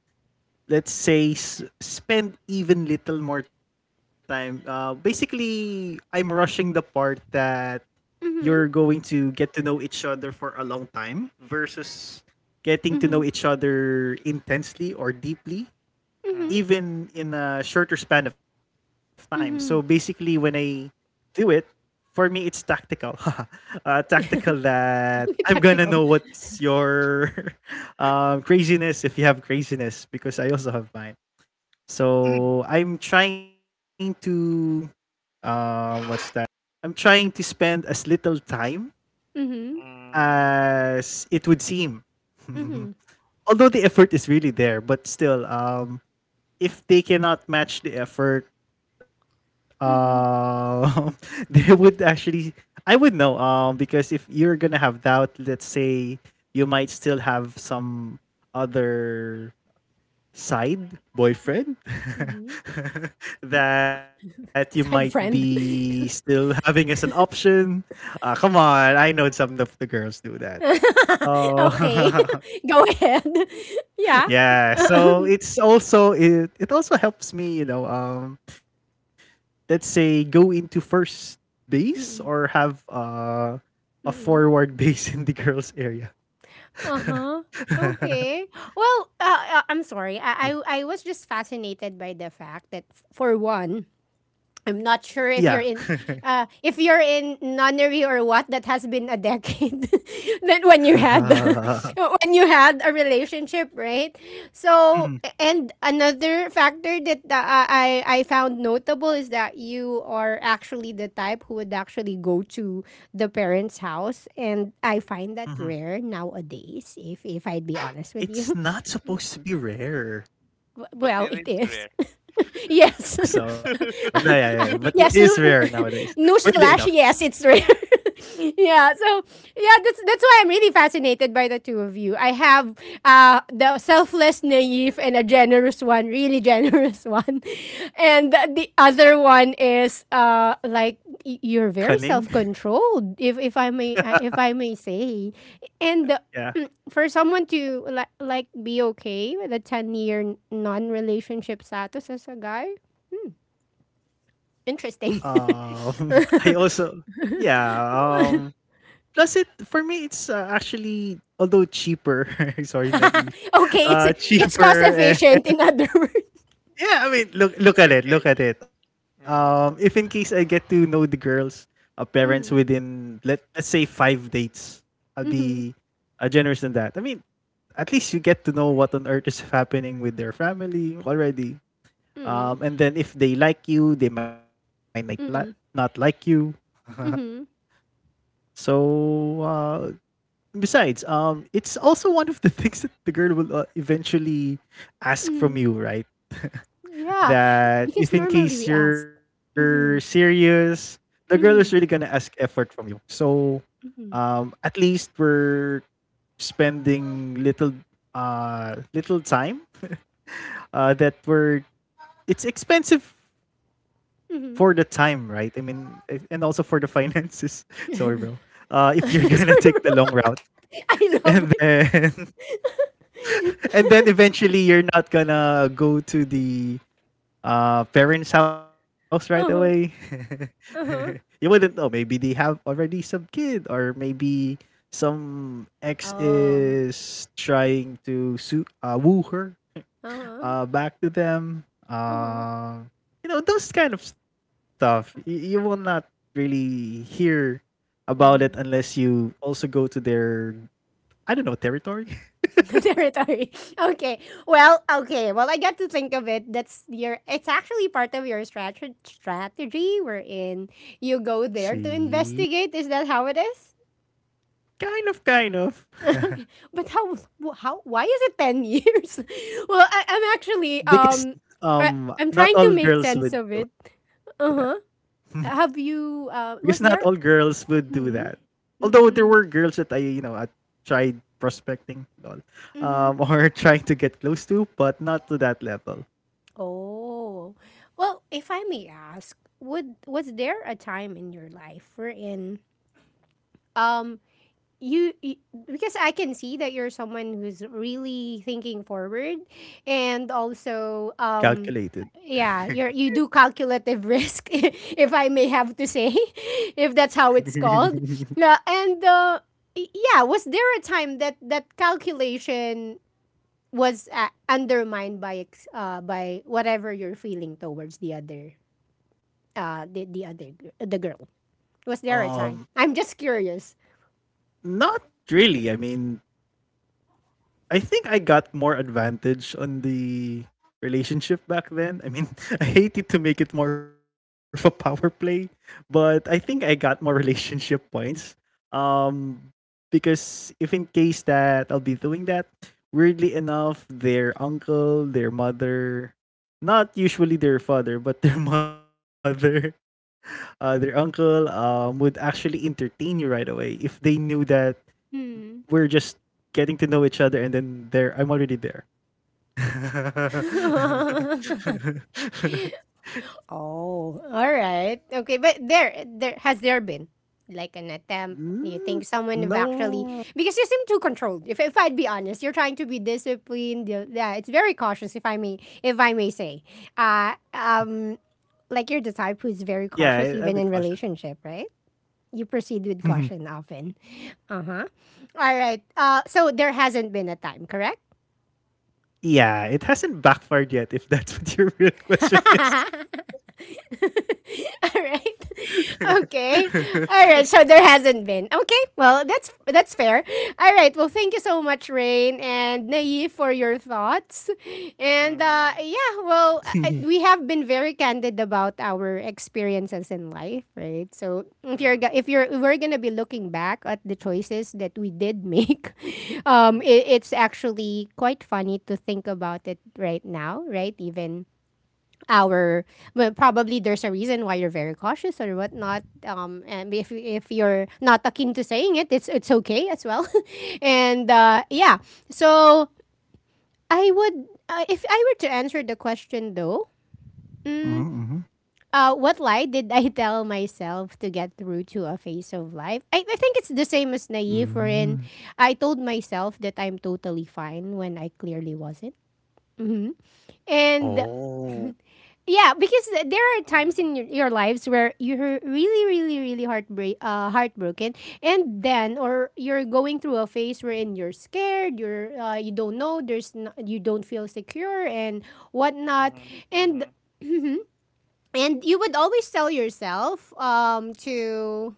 let's say spend even little more time. Basically, I'm rushing the part that you're going
Mhm.
to get to know each other for a long time versus getting to know
Mhm.
each other intensely or deeply
Mhm.
Mhm.
even in a shorter span of time. So basically, when
Mhm.
I do it, for me, it's tactical. Tactical that I'm
Be
gonna know
tactical.
what's your craziness, if you have craziness, because I also have mine. So I'm trying to what's that? I'm trying to spend as little time
Mhm.
Mm.
as it would seem.
Mhm.
Although the effort is really there, but still, if they cannot match the effort,
Mhm.
uh, they would actually I would know, because if you're gonna have doubt, let's say, you might still have some other side boyfriend
Mhm.
that you might
Side
be
friend.
still having as an option. Come on, I know some of the girls do that. Oh.
Okay. Go ahead. Yeah.
Yeah, so it's also, it also helps me, let's say, go into first
Mm-mm.
base or have a
Mm-mm.
forward base in the girls area.
Uh-huh. Okay. Well, I'm sorry. I was
Yeah.
just fascinated by the fact that for one, I'm not sure
Yeah.
if you're in nunnery or what, that has been a decade that when you had the, when you had a relationship, right? So and
Mhm,
another factor that I found notable is that you are actually the type who would actually go to the parents' house, and I find that rare
mhm.
nowadays, if I'd be honest with you.
It's not supposed to be rare.
But
Well,
it
it
is
is.
rare.
Yes.
So no,
Uh,
yeah,
uh,
yeah, yeah, but it
yes, no,
is rare nowadays. Weirdly
newsflash,
enough,
yes, it's rare. Yeah, so yeah, that's why I'm really fascinated by the two of you. I have the selfless naive, and a generous one, really generous one. And the other one is like you're very
cunning.
self-controlled, if I may say. And the
Yeah.
for someone to like be okay with a 10-year non relationship status as a guy, interesting.
I also, yeah. Um, Plus it for me, it's actually, although cheaper. Sorry, Nani.
Okay, it's cost
Cheaper.
efficient in other words.
Yeah, I mean, look at it,
Okay.
look at it. If in
Mhm.
case I get to know the girl's parents
Mm,
within, let's say, 5 dates, I'll be
mm-hmm,
generous than that. I mean, at least you get to know what on earth is happening with their family already.
mm,
And then if they like you, they might not not like
mm,
you.
mm-hmm,
So uh, besides, it's also one of the things that the girl will eventually ask from
mm-hmm.
you, right?
Yeah,
That
because
if in
normally
case
we ask,
you're
mm-hmm,
serious, the girl is really gonna
mm-hmm,
ask effort from you.
mm-hmm,
At least we're spending little little time that we're it's expensive for the time,
mm-hmm.
right? I mean, and also for the finances. Sorry bro,
Sorry,
if you're gonna take the long
bro.
route
I
and
love it.
then and then eventually you're not gonna go to the parents' house right away.
Uh-huh.
You
Uh-huh.
wouldn't know. Maybe they have already some kid, or maybe some ex
Oh,
is trying to woo her
uh-huh.
back to them.
Uh-huh.
You know those kind of stuff. You will not really hear about it
Uh-huh.
unless you also go to their, I don't know, territory.
Territory. Okay. Well, okay. Well, I got to think of it. That's your. It's actually part of your strategy wherein you go there to
See,
investigate. Is that how it is?
kind of, kind of.
Okay. But how? How? Why is it 10 years? Well, I'm actually
because
I,
um
I'm
not
trying
all
to make
girls
sense
would
of it.
do that.
Uh huh. Have
Because
you?
not all
Was
girls
there?
would do that.
Mm-mm,
Although there were girls
mm-mm,
that I, you know, I tried prospecting lol,
mm-hmm.
or trying to get close to, but not to that level.
Oh. Well, if I may ask, would was there a time in your life wherein um you, because I can see that you're someone who's really thinking forward, and also
Calculated.
yeah, you're you do calculative risk if I may have to say, if that's how it's called. Yeah, and yeah, was there a time that that calculation was undermined by whatever you're feeling towards the other the other the girl, was there a time,
um,
I'm just curious.
Not really. I mean, I think I got more advantage on the relationship back then. I mean, I hated to make it more of a power play, but I think I got more relationship points. Um, because if in case that I'll be doing that, weirdly enough, their uncle, their mother, not usually their father, but their mother, their uncle would actually entertain you right away if they knew that
Hmm.
we're just getting to know each other, and then there I'm already there.
Oh, all right, okay, but there has there been like an attempt, do you
Mm,
think someone have actually,
no.
because you seem too controlled, if I'd be honest, you're trying to be disciplined, yeah, it's very cautious if I may if I may say, uh um like you're the type
Yeah, I,
who's
I'm a
very
bit cautious.
cautious even in relationship, right? You
Mhm.
proceed with caution often. Uh huh. All right. So there hasn't been a time, correct?
Yeah, it hasn't backfired yet if that's what your real question is.
All right, okay, all right, so there hasn't been, okay, well, that's fair. All right, well, thank you so much Rain and Nayi for your thoughts. And
Mhm.
yeah, well, we have been very candid about our experiences in life, right? So if you're
Mhm.
if you're we're gonna be looking back at the choices that we did make,
Mhm.
it, it's actually quite funny to think about it right now, right? Even our, well, probably there's a reason why you're very cautious or whatnot. And if you're not akin to saying it, it's okay as well. And yeah, so I would, if I were to answer the question though. Mm,
Mhm, mhm.
what lie did I tell myself to get through to a phase of life? I think it's the same as naive,
Mm,
wherein I told myself that I'm totally fine when I clearly wasn't. Hmm. And
oh.
yeah, because there are times
Mhm.
in your lives where you're really, really, really heartbreak, heartbroken, and then or you're going through a phase wherein you're scared, you're you don't know, there's no, you don't feel secure and whatnot,
Mhm.
and
Mhm.
and you would always tell yourself to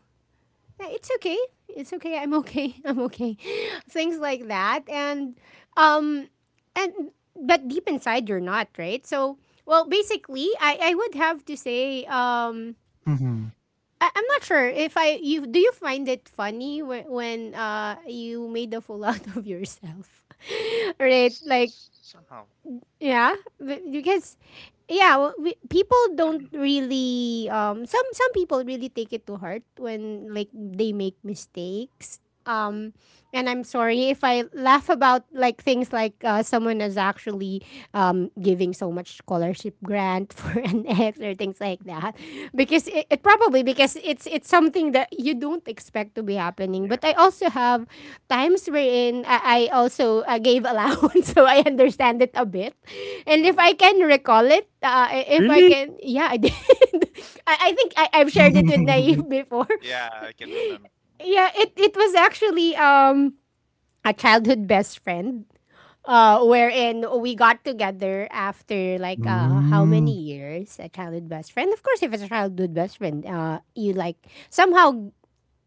yeah, it's okay. It's okay. I'm okay. I'm okay. Things like that. And um and but deep inside you're not, right? So well basically I would have to say
Mhm.
I'm not sure if I you do you find it funny when you made a fool out of yourself? Right? Like
Somehow.
yeah, because yeah, well, people don't really some people really take it to heart when like they make mistakes. Um and I'm sorry if I laugh about like things like someone is actually giving so much scholarship grant for an ex or things like that, because it probably because it's something that you don't expect to be
Yeah.
happening. But I also have times wherein I also gave allowance, so I understand it a bit. And if I
Mhm.
can recall it, I- if I
Really?
can, yeah, I did. I think I've shared it with Naive before.
Yeah, I can remember.
Yeah, it was actually a childhood best friend wherein we got together after like how many
Mm.
years, a childhood best friend, of course, if it's a childhood best friend you like somehow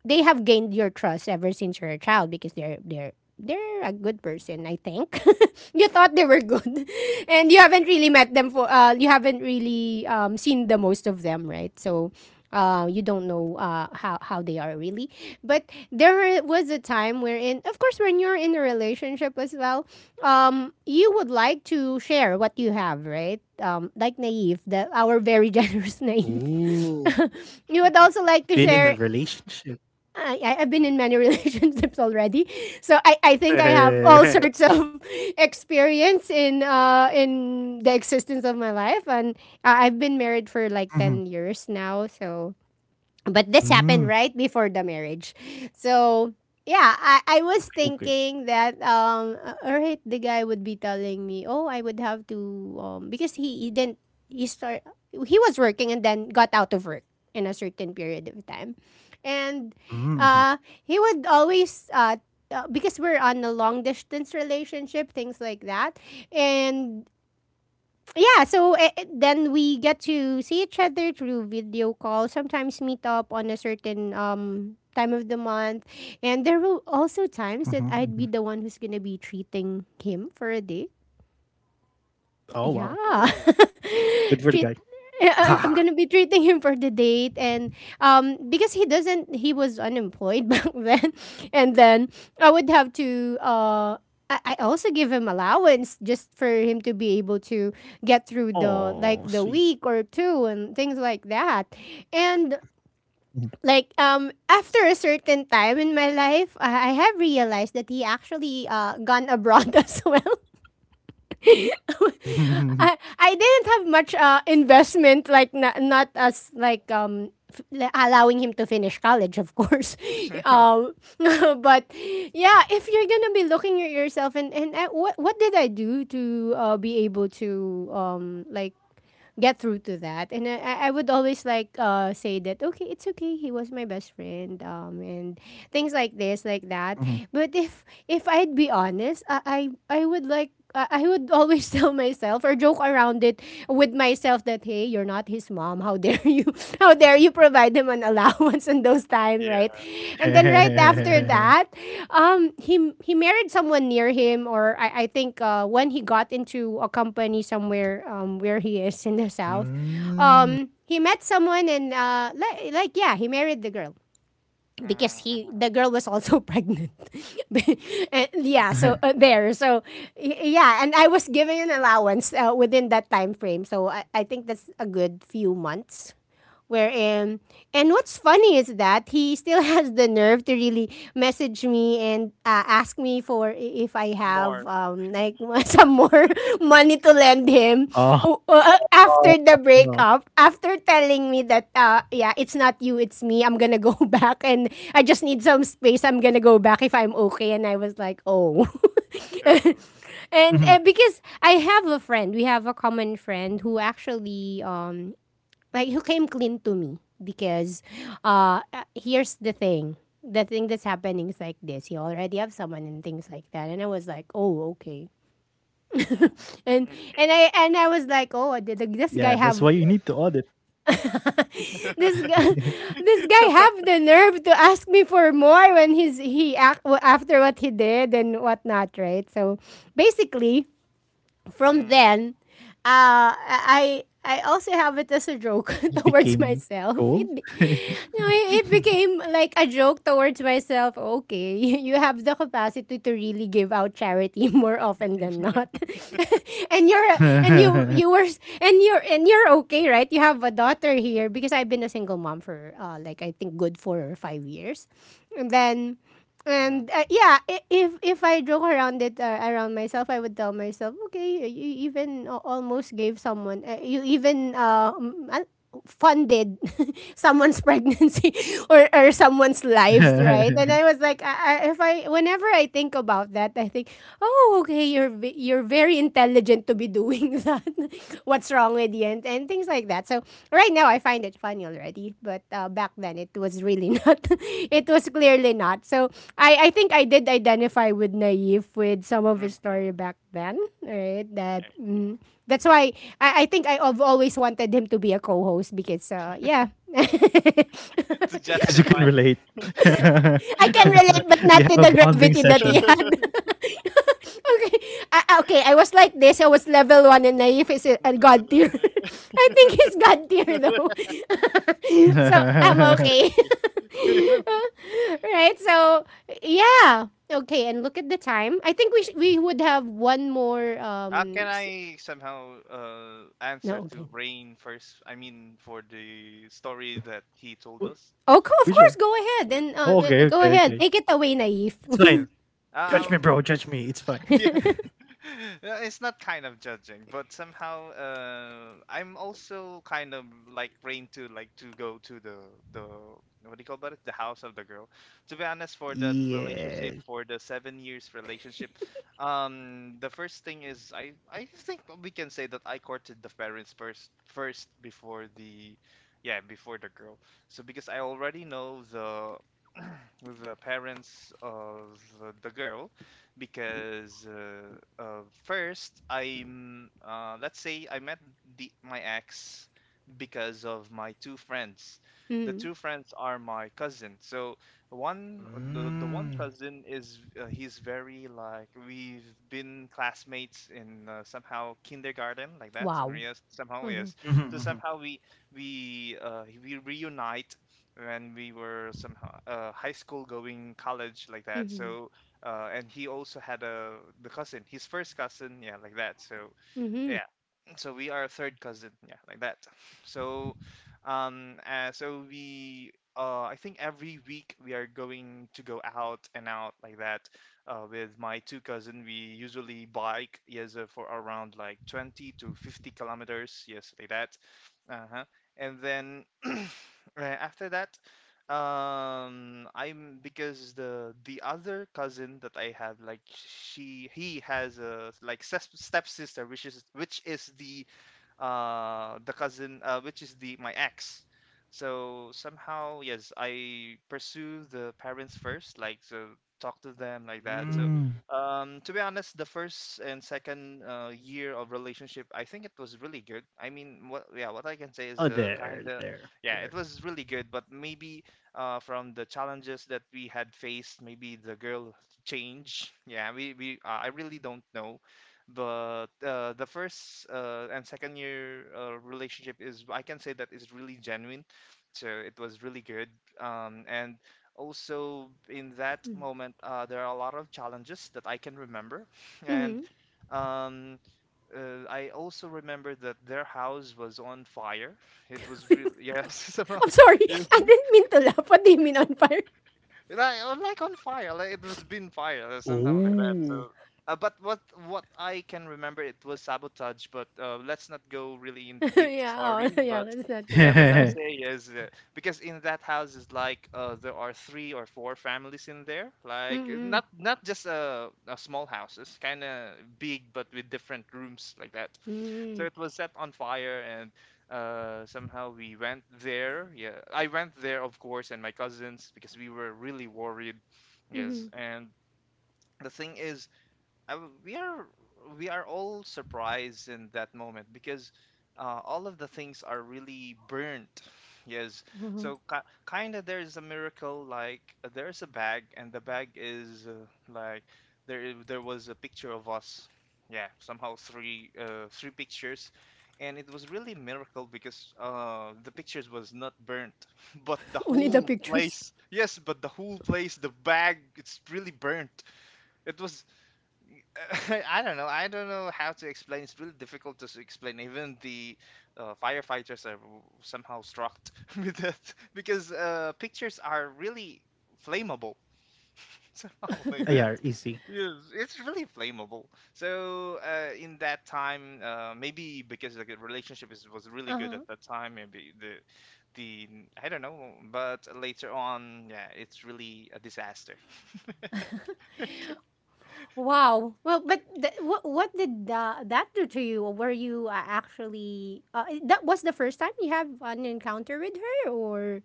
they have gained your trust ever since you're a child because they're a good person, I think. You thought they were good, and you haven't really met them for. You haven't really seen the most of them, right? So, you don't know how they are really. But there was a time wherein, of course, when you're in a relationship as well, you would like to share what you have, right? Like Naive, the our very generous Naive.
Ooh.
You would also
Been
like
in
to
a
share
relationship.
I've been in many relationships already, so I think I have all
Mhm,
sorts of experience in the existence of my life, and I've been married for like 10 years now, so but this happened
mm.
right before the marriage. So, yeah, I was
Okay.
thinking that, all right, the guy would be telling me, oh, I would have to, because he didn't, he start, he was working and then got out of work in a certain period of time. And
Mhm,
uh, he would always, because we're on a long distance relationship, things like that. And yeah, so then we get to see each other through video call, sometimes meet up on a certain time of the month. And there were also times
mhm,
that I'd be
mhm.
the one who's going to be treating him for a date.
Oh, wow.
Yeah.
Oh.
Good
Treat
for the guy.
yeah, I'm gonna be
Haha.
treating him for the date, and because he doesn't he was unemployed back then, and then I would have to I also give him allowance just for him to be able to get through the
Oh
like the
sweet.
week or two and things like that. And
Mhm.
like after a certain time in my life, I have realized that he actually gone abroad as well. I didn't have much investment, like not as like allowing him to finish college, of course. um, but yeah, if you're gonna be looking at yourself, and what did I do to be able to like get through to that. And I would always like say that okay, it's okay. He was my best friend, and things like this, like that.
Mhm.
But if I'd be honest, I would like. I would always tell myself or joke around it with myself that hey, you're not his mom. How dare you? How dare you provide him an allowance in those time,
Yeah.
right? And then
Yes.
right after that, he married someone near him, or I think when he got into a company somewhere where he is in the south,
Mm.
he met someone and like yeah, he married the girl because
Mhm.
he
Mhm.
the girl was also pregnant and yeah so there so yeah, and I was given an allowance within that time frame, so I think that's a good few months wherein and what's funny is that he still has the nerve to really message me and ask me for if I have
More.
like some more money to lend him
Oh.
after the breakup, after telling me that yeah it's not you it's me, I'm gonna go back, and I just need some space, I'm gonna go back if I'm okay, and I was like, oh.
Sure.
And
Mhm.
because I have a friend, we have a common friend who actually like who came clean to me because here's the thing, the thing that's happening is like this, you already have someone and things like that, and I was like, oh, okay.
Mhm.
and
Okay.
and I was like, oh, this guy have
Yeah, that's why you need to audit.
this guy this guy have the nerve to ask me for more when he's he act after what he did and whatnot, right? So basically from
Mm,
then, I also have it as a joke
You
towards
became
myself. It
cold?
be, no, it became like a joke towards myself. Okay, you, have the capacity to really give out charity more often than not, and you're and you you were and you're okay, right? You have a daughter here because I've been a single mom for like I think good for 5 years, and then
mhm,
and yeah, if I joke around it around myself, I would tell myself, okay, you even almost gave someone, you even funded someone's pregnancy or someone's life, right? And I was like, if whenever I think about that, I think, oh, okay, you're you're very intelligent to be doing that. What's wrong with you? And things like that. So right now, I find it funny already, but back then it was really not. It was clearly not. So I think I did identify with Naive with some of his
mhm.
story back Van, right? That mm, that's why I think I've always wanted him to be a co-host because yeah,
To
Because you can
justify.
relate.
I can
No.
relate, but
You
not
have
to
a
the
bonding
gravity that he
session.
had. Okay, okay, I was like this. I was level one, and Naif is a god tier.
to-
I think he's god tier though, so I'm okay. Right? So yeah. Okay, and look at the time. I think we would have one more
How can
um.
I somehow answer
No,
to
okay.
Rain first? I mean, for the story that he told
Wh
us.
Oh, of
Which one?
course, go ahead. Then
Oh, okay,
go
okay,
ahead.
okay.
Take it away, Naif.
It's
Yes.
fine. Judge me,
Um.
bro. Judge me. It's fine.
Yeah. It's not kind of judging, but somehow I'm also kind of like trained to like to go to the what do you call that? The house of the girl. To be honest, for that relationship,
Yes.
for the 7 years relationship, the first thing is I think we can say that I courted the parents first before the yeah before the girl. So because I already know the parents of the girl, because first I'm let's say I met the my ex because of my two friends. The
Mm.
two friends are my cousin. So one the one
Mm.
cousin is he's very like we've been classmates in somehow kindergarten like that. So
Wow.
yes, somehow
Mm-hmm.
yes. So
Hmm.
somehow we reunite when we were somehow high school going college like that.
Mm-hmm.
So and he also had a the cousin, his first cousin, yeah, like that. So
Mm-hmm.
yeah, so we are a third cousin, yeah, like that. So so we I think every week we are going to go out and out like that with my two cousin. We usually bike, yes, for around like 20 to 50 kilometers, yes, like that. Uh-huh. And then after that, I'm because the other cousin that I have, like, she he has a like step stepsister, which is the cousin, which is the my ex. So somehow, yes, I pursue the parents first, like, so talk to them like that. So
Mm.
to be honest, the first and second year of relationship, I think it was really good. I mean, what I can say is
Oh, there, there,
yeah, it
there.
was really good. But maybe from the challenges that we had faced, maybe the girl change. Yeah, we I really don't know, but the first and second year relationship, is I can say that, is really genuine. So it was really good. And also in that moment, there are a lot of challenges that I can remember, and
Mm-hmm.
um, I also remember that their house was on fire. It was really, yeah. Somehow
I'm sorry. I didn't mean to laugh. What do you mean on fire?
like, or like on fire, like it was been fire or something like that.
Oh.
So but what I can remember, it was sabotage, but let's not go really in the deep
Yeah,
story.
oh, yeah,
But
let's not go to
yeah,
the
but let's
story.
say is because in that house is like there are three or four families in there. Like, it's
Mm-hmm.
not just a small house, it's kind of big, but with different rooms like that.
Mm-hmm.
So it was set on fire, and somehow we went there. Yeah, I went there, of course, and my cousins, because we were really worried.
Mm-hmm.
Yes. And the thing is, I w we are all surprised in that moment because all of the things are really burnt. Yes. So kind of there is a miracle. Like, there's a bag, and the bag is, like, there was a picture of us. Yeah, somehow three, three pictures, and it was really miracle because the pictures was not burnt, but the
Only the
whole
pictures.
place. Yes, but the whole place, the bag, it's really burnt. It was, I don't know. I don't know how to explain. It's really difficult to explain. Even the firefighters are somehow struck with that, because pictures are really flammable. Somehow
Yeah,
like that.
easy.
It's really flammable. So in that time, maybe because, like, the relationship was really good at
Uh-huh.
that time, maybe the I don't know. But later on, yeah, it's really a disaster.
Wow. Well, but what did that do to you? Were you actually that was the first time you have an encounter with her, or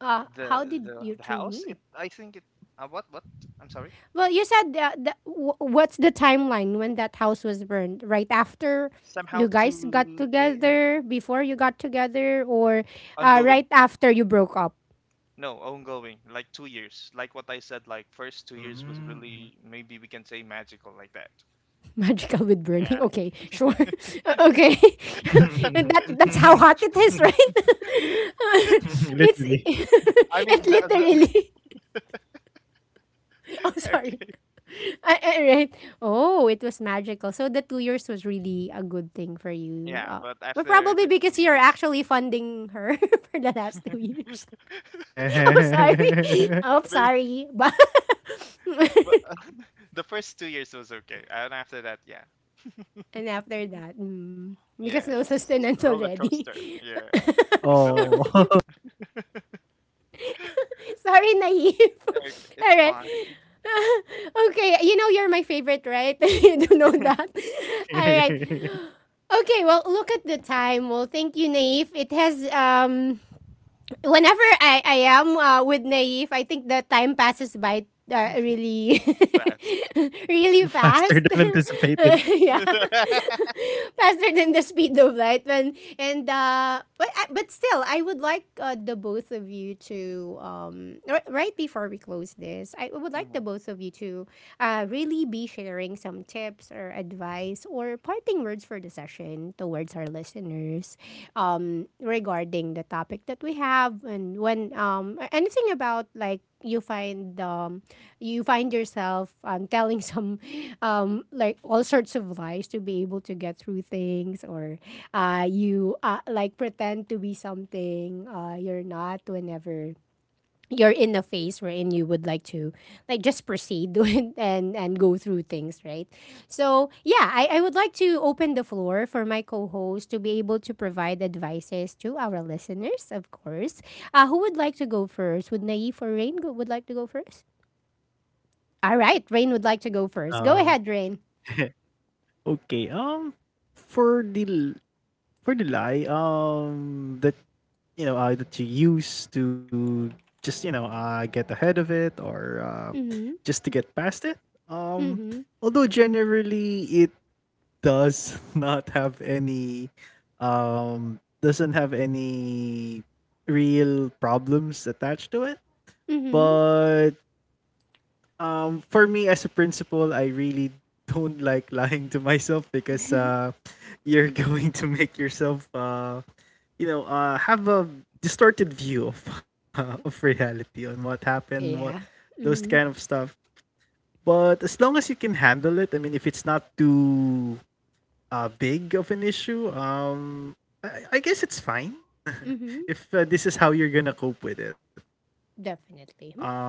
the
how did
the,
you
the
two
house, it
meet?
I think it what I'm sorry.
Well, you said what's the timeline when that house was burned? Right after
Somehow
you guys got
to in,
together, before you
like,
got together, or
ongoing.
right after you broke up?
No, ongoing, like 2 years, like what I said, like first 2 years was
Mm-hmm.
really, maybe we can say magical like that.
Magical with burning.
Yeah,
Okay, sure. Okay, that that's how hot it is, right? It's
Literally.
I mean
it literally. Oh, sorry. Right. Oh, it was magical. So the 2 years was really a good thing for you.
yeah, but
But
after
probably
the
because
few
you're
years.
actually funding her for the last 2 years. Oh, sorry. Oh,
but,
sorry. But
but the first 2 years was okay, and after that, yeah.
and after that, mm,
Yeah,
because no
it's
sustenance
roller
already.
coaster. Yeah, roller.
Oh.
Sorry, Naive.
Okay, it's
All right.
fine.
Okay, you know you're my favorite, right? You do know that. All right. Okay, well, look at the time. Well, thank you, Naif. It has whenever I am with Naif, I think the time passes by uh, really,
It's fast.
really
Faster
fast.
than anticipated.
Yeah, faster than the speed of light. When and but but still, I would like the both of you to right before we close this, I would like the
Hmm.
both of you to really be sharing some tips or advice or parting words for the session towards our listeners regarding the topic that we have, and when anything about like you find yourself telling some like all sorts of lies to be able to get through things or you like pretend to be something you're not whenever you're in a phase wherein you would like to like just proceed and go through things, right? So yeah, I would like to open the floor for my co-host to be able to provide advices to our listeners, of course. Who would like to go first, would Naif or Rain go, would like to go first. All right, Rain would like to go first, go
um,
ahead, Rain.
okay. For the l- for the lie, that you know, that you use to just, you know, get ahead of it, or just to get past it, um
Mm-hmm.
although generally it does not have any doesn't have any real problems attached to it.
Mm-hmm.
But for me as a principal, I really don't like lying to myself, because you're going to make yourself you know, have a distorted view of of reality on what happened, what,
Yeah.
those kind of
Mm-hmm.
stuff. But as long as you can handle it, I mean, if it's not too big of an issue, I guess it's fine.
Mm-hmm.
If this is how you're gonna cope with it,
Definitely.
um,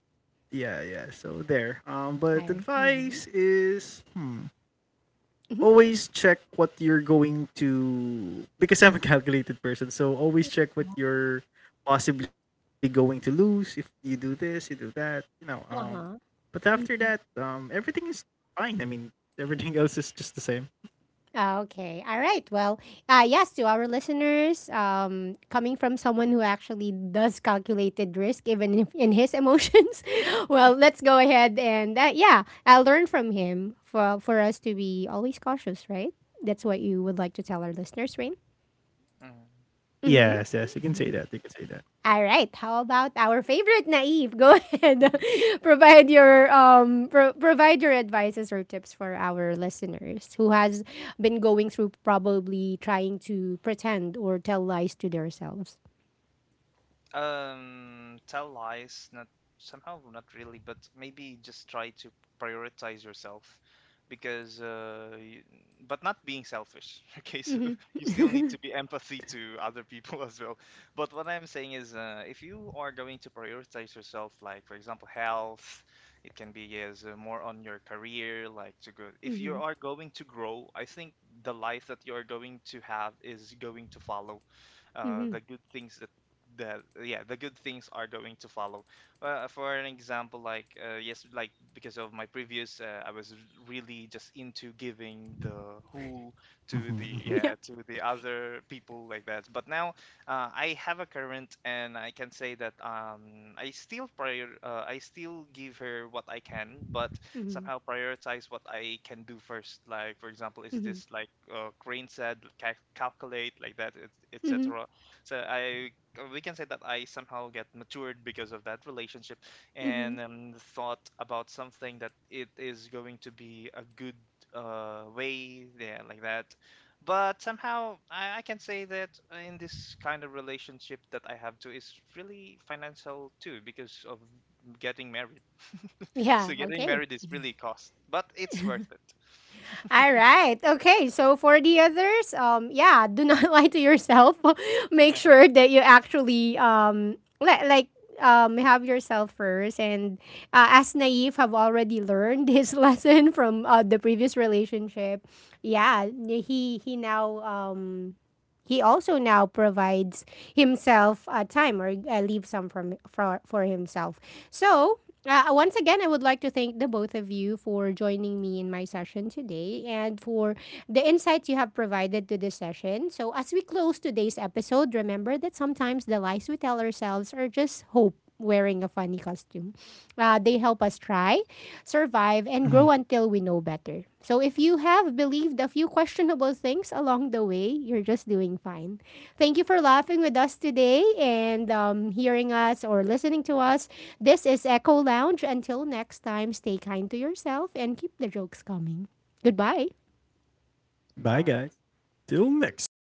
yeah, yeah. So there. But
All right.
advice
Mm-hmm.
is, hmm. Always check what you're going to, because I'm a calculated person, so always check what you're possibly going to lose if you do this, you do that, you know.
Uh-huh.
But after that, everything is fine. I mean, everything else is just the same.
Ah, okay. All right. Well, yes, to our listeners, coming from someone who actually does calculated risk, even if in his emotions, well, let's go ahead, and yeah, I'll learn from him for us to be always cautious, right? That's what you would like to tell our listeners, Rain.
Hmm
Yes, yes, you can say that. You can say that.
All right. How about our favorite Naive? Go ahead. Provide your provide your advices or tips for our listeners who has been going through probably trying to pretend or tell lies to themselves.
Tell lies, not somehow, not really, but maybe just try to prioritize yourself, because, you, but not being selfish. Okay, so
Mhm.
you still need to be empathy to other people as well. But what I'm saying is, if you are going to prioritize yourself, like, for example, health, it can be as more on your career, like to go. If you
Mhm.
are going to grow, I think the life that you are going to have is going to follow
Mhm.
the good things, that the good things are going to follow. Well, for an example, like, yes, like, because of my previous, I was really just into giving the whole
Mm-hmm,
to the
hmm.
Yeah.
yeah to the other people like that, but now I have a current, and I can say that, I still prior I still give her what I can, but
Mhm.
somehow prioritize what I can do first. Like, for example, is
Mhm.
this like, Crane said, calculate like that,
Mhm.
etc. So I we can say that I somehow get matured because of that relationship,
Mhm.
and thought about something that it is going to be a good way, yeah, like that. But somehow I can say that in this kind of relationship that I have to is really financial too, because of getting married.
Yeah,
So getting
okay.
married is really cost, but it's worth
All
it.
right. Okay. So for the others, yeah, do not lie to yourself. Make
Uh-huh.
sure that you actually like have yourself first. And as Naif have already learned his lesson from the previous relationship, yeah, he now he also now provides himself time or leave some from for himself. So once again, I would like to thank the both of you for joining me in my session today, and for the insights you have provided to this session. So, as we close today's episode, remember that sometimes the lies we tell ourselves are just hope wearing a funny costume. They help us try, survive, and grow
Mhm.
until we know better. So if you have believed a few questionable things along the way, you're just doing fine. Thank you for laughing with us today, and hearing us or listening to us. This is Echo Lounge. Until next time, stay kind to yourself and keep the jokes coming. Goodbye.
Bye,
Bye.
guys. Till next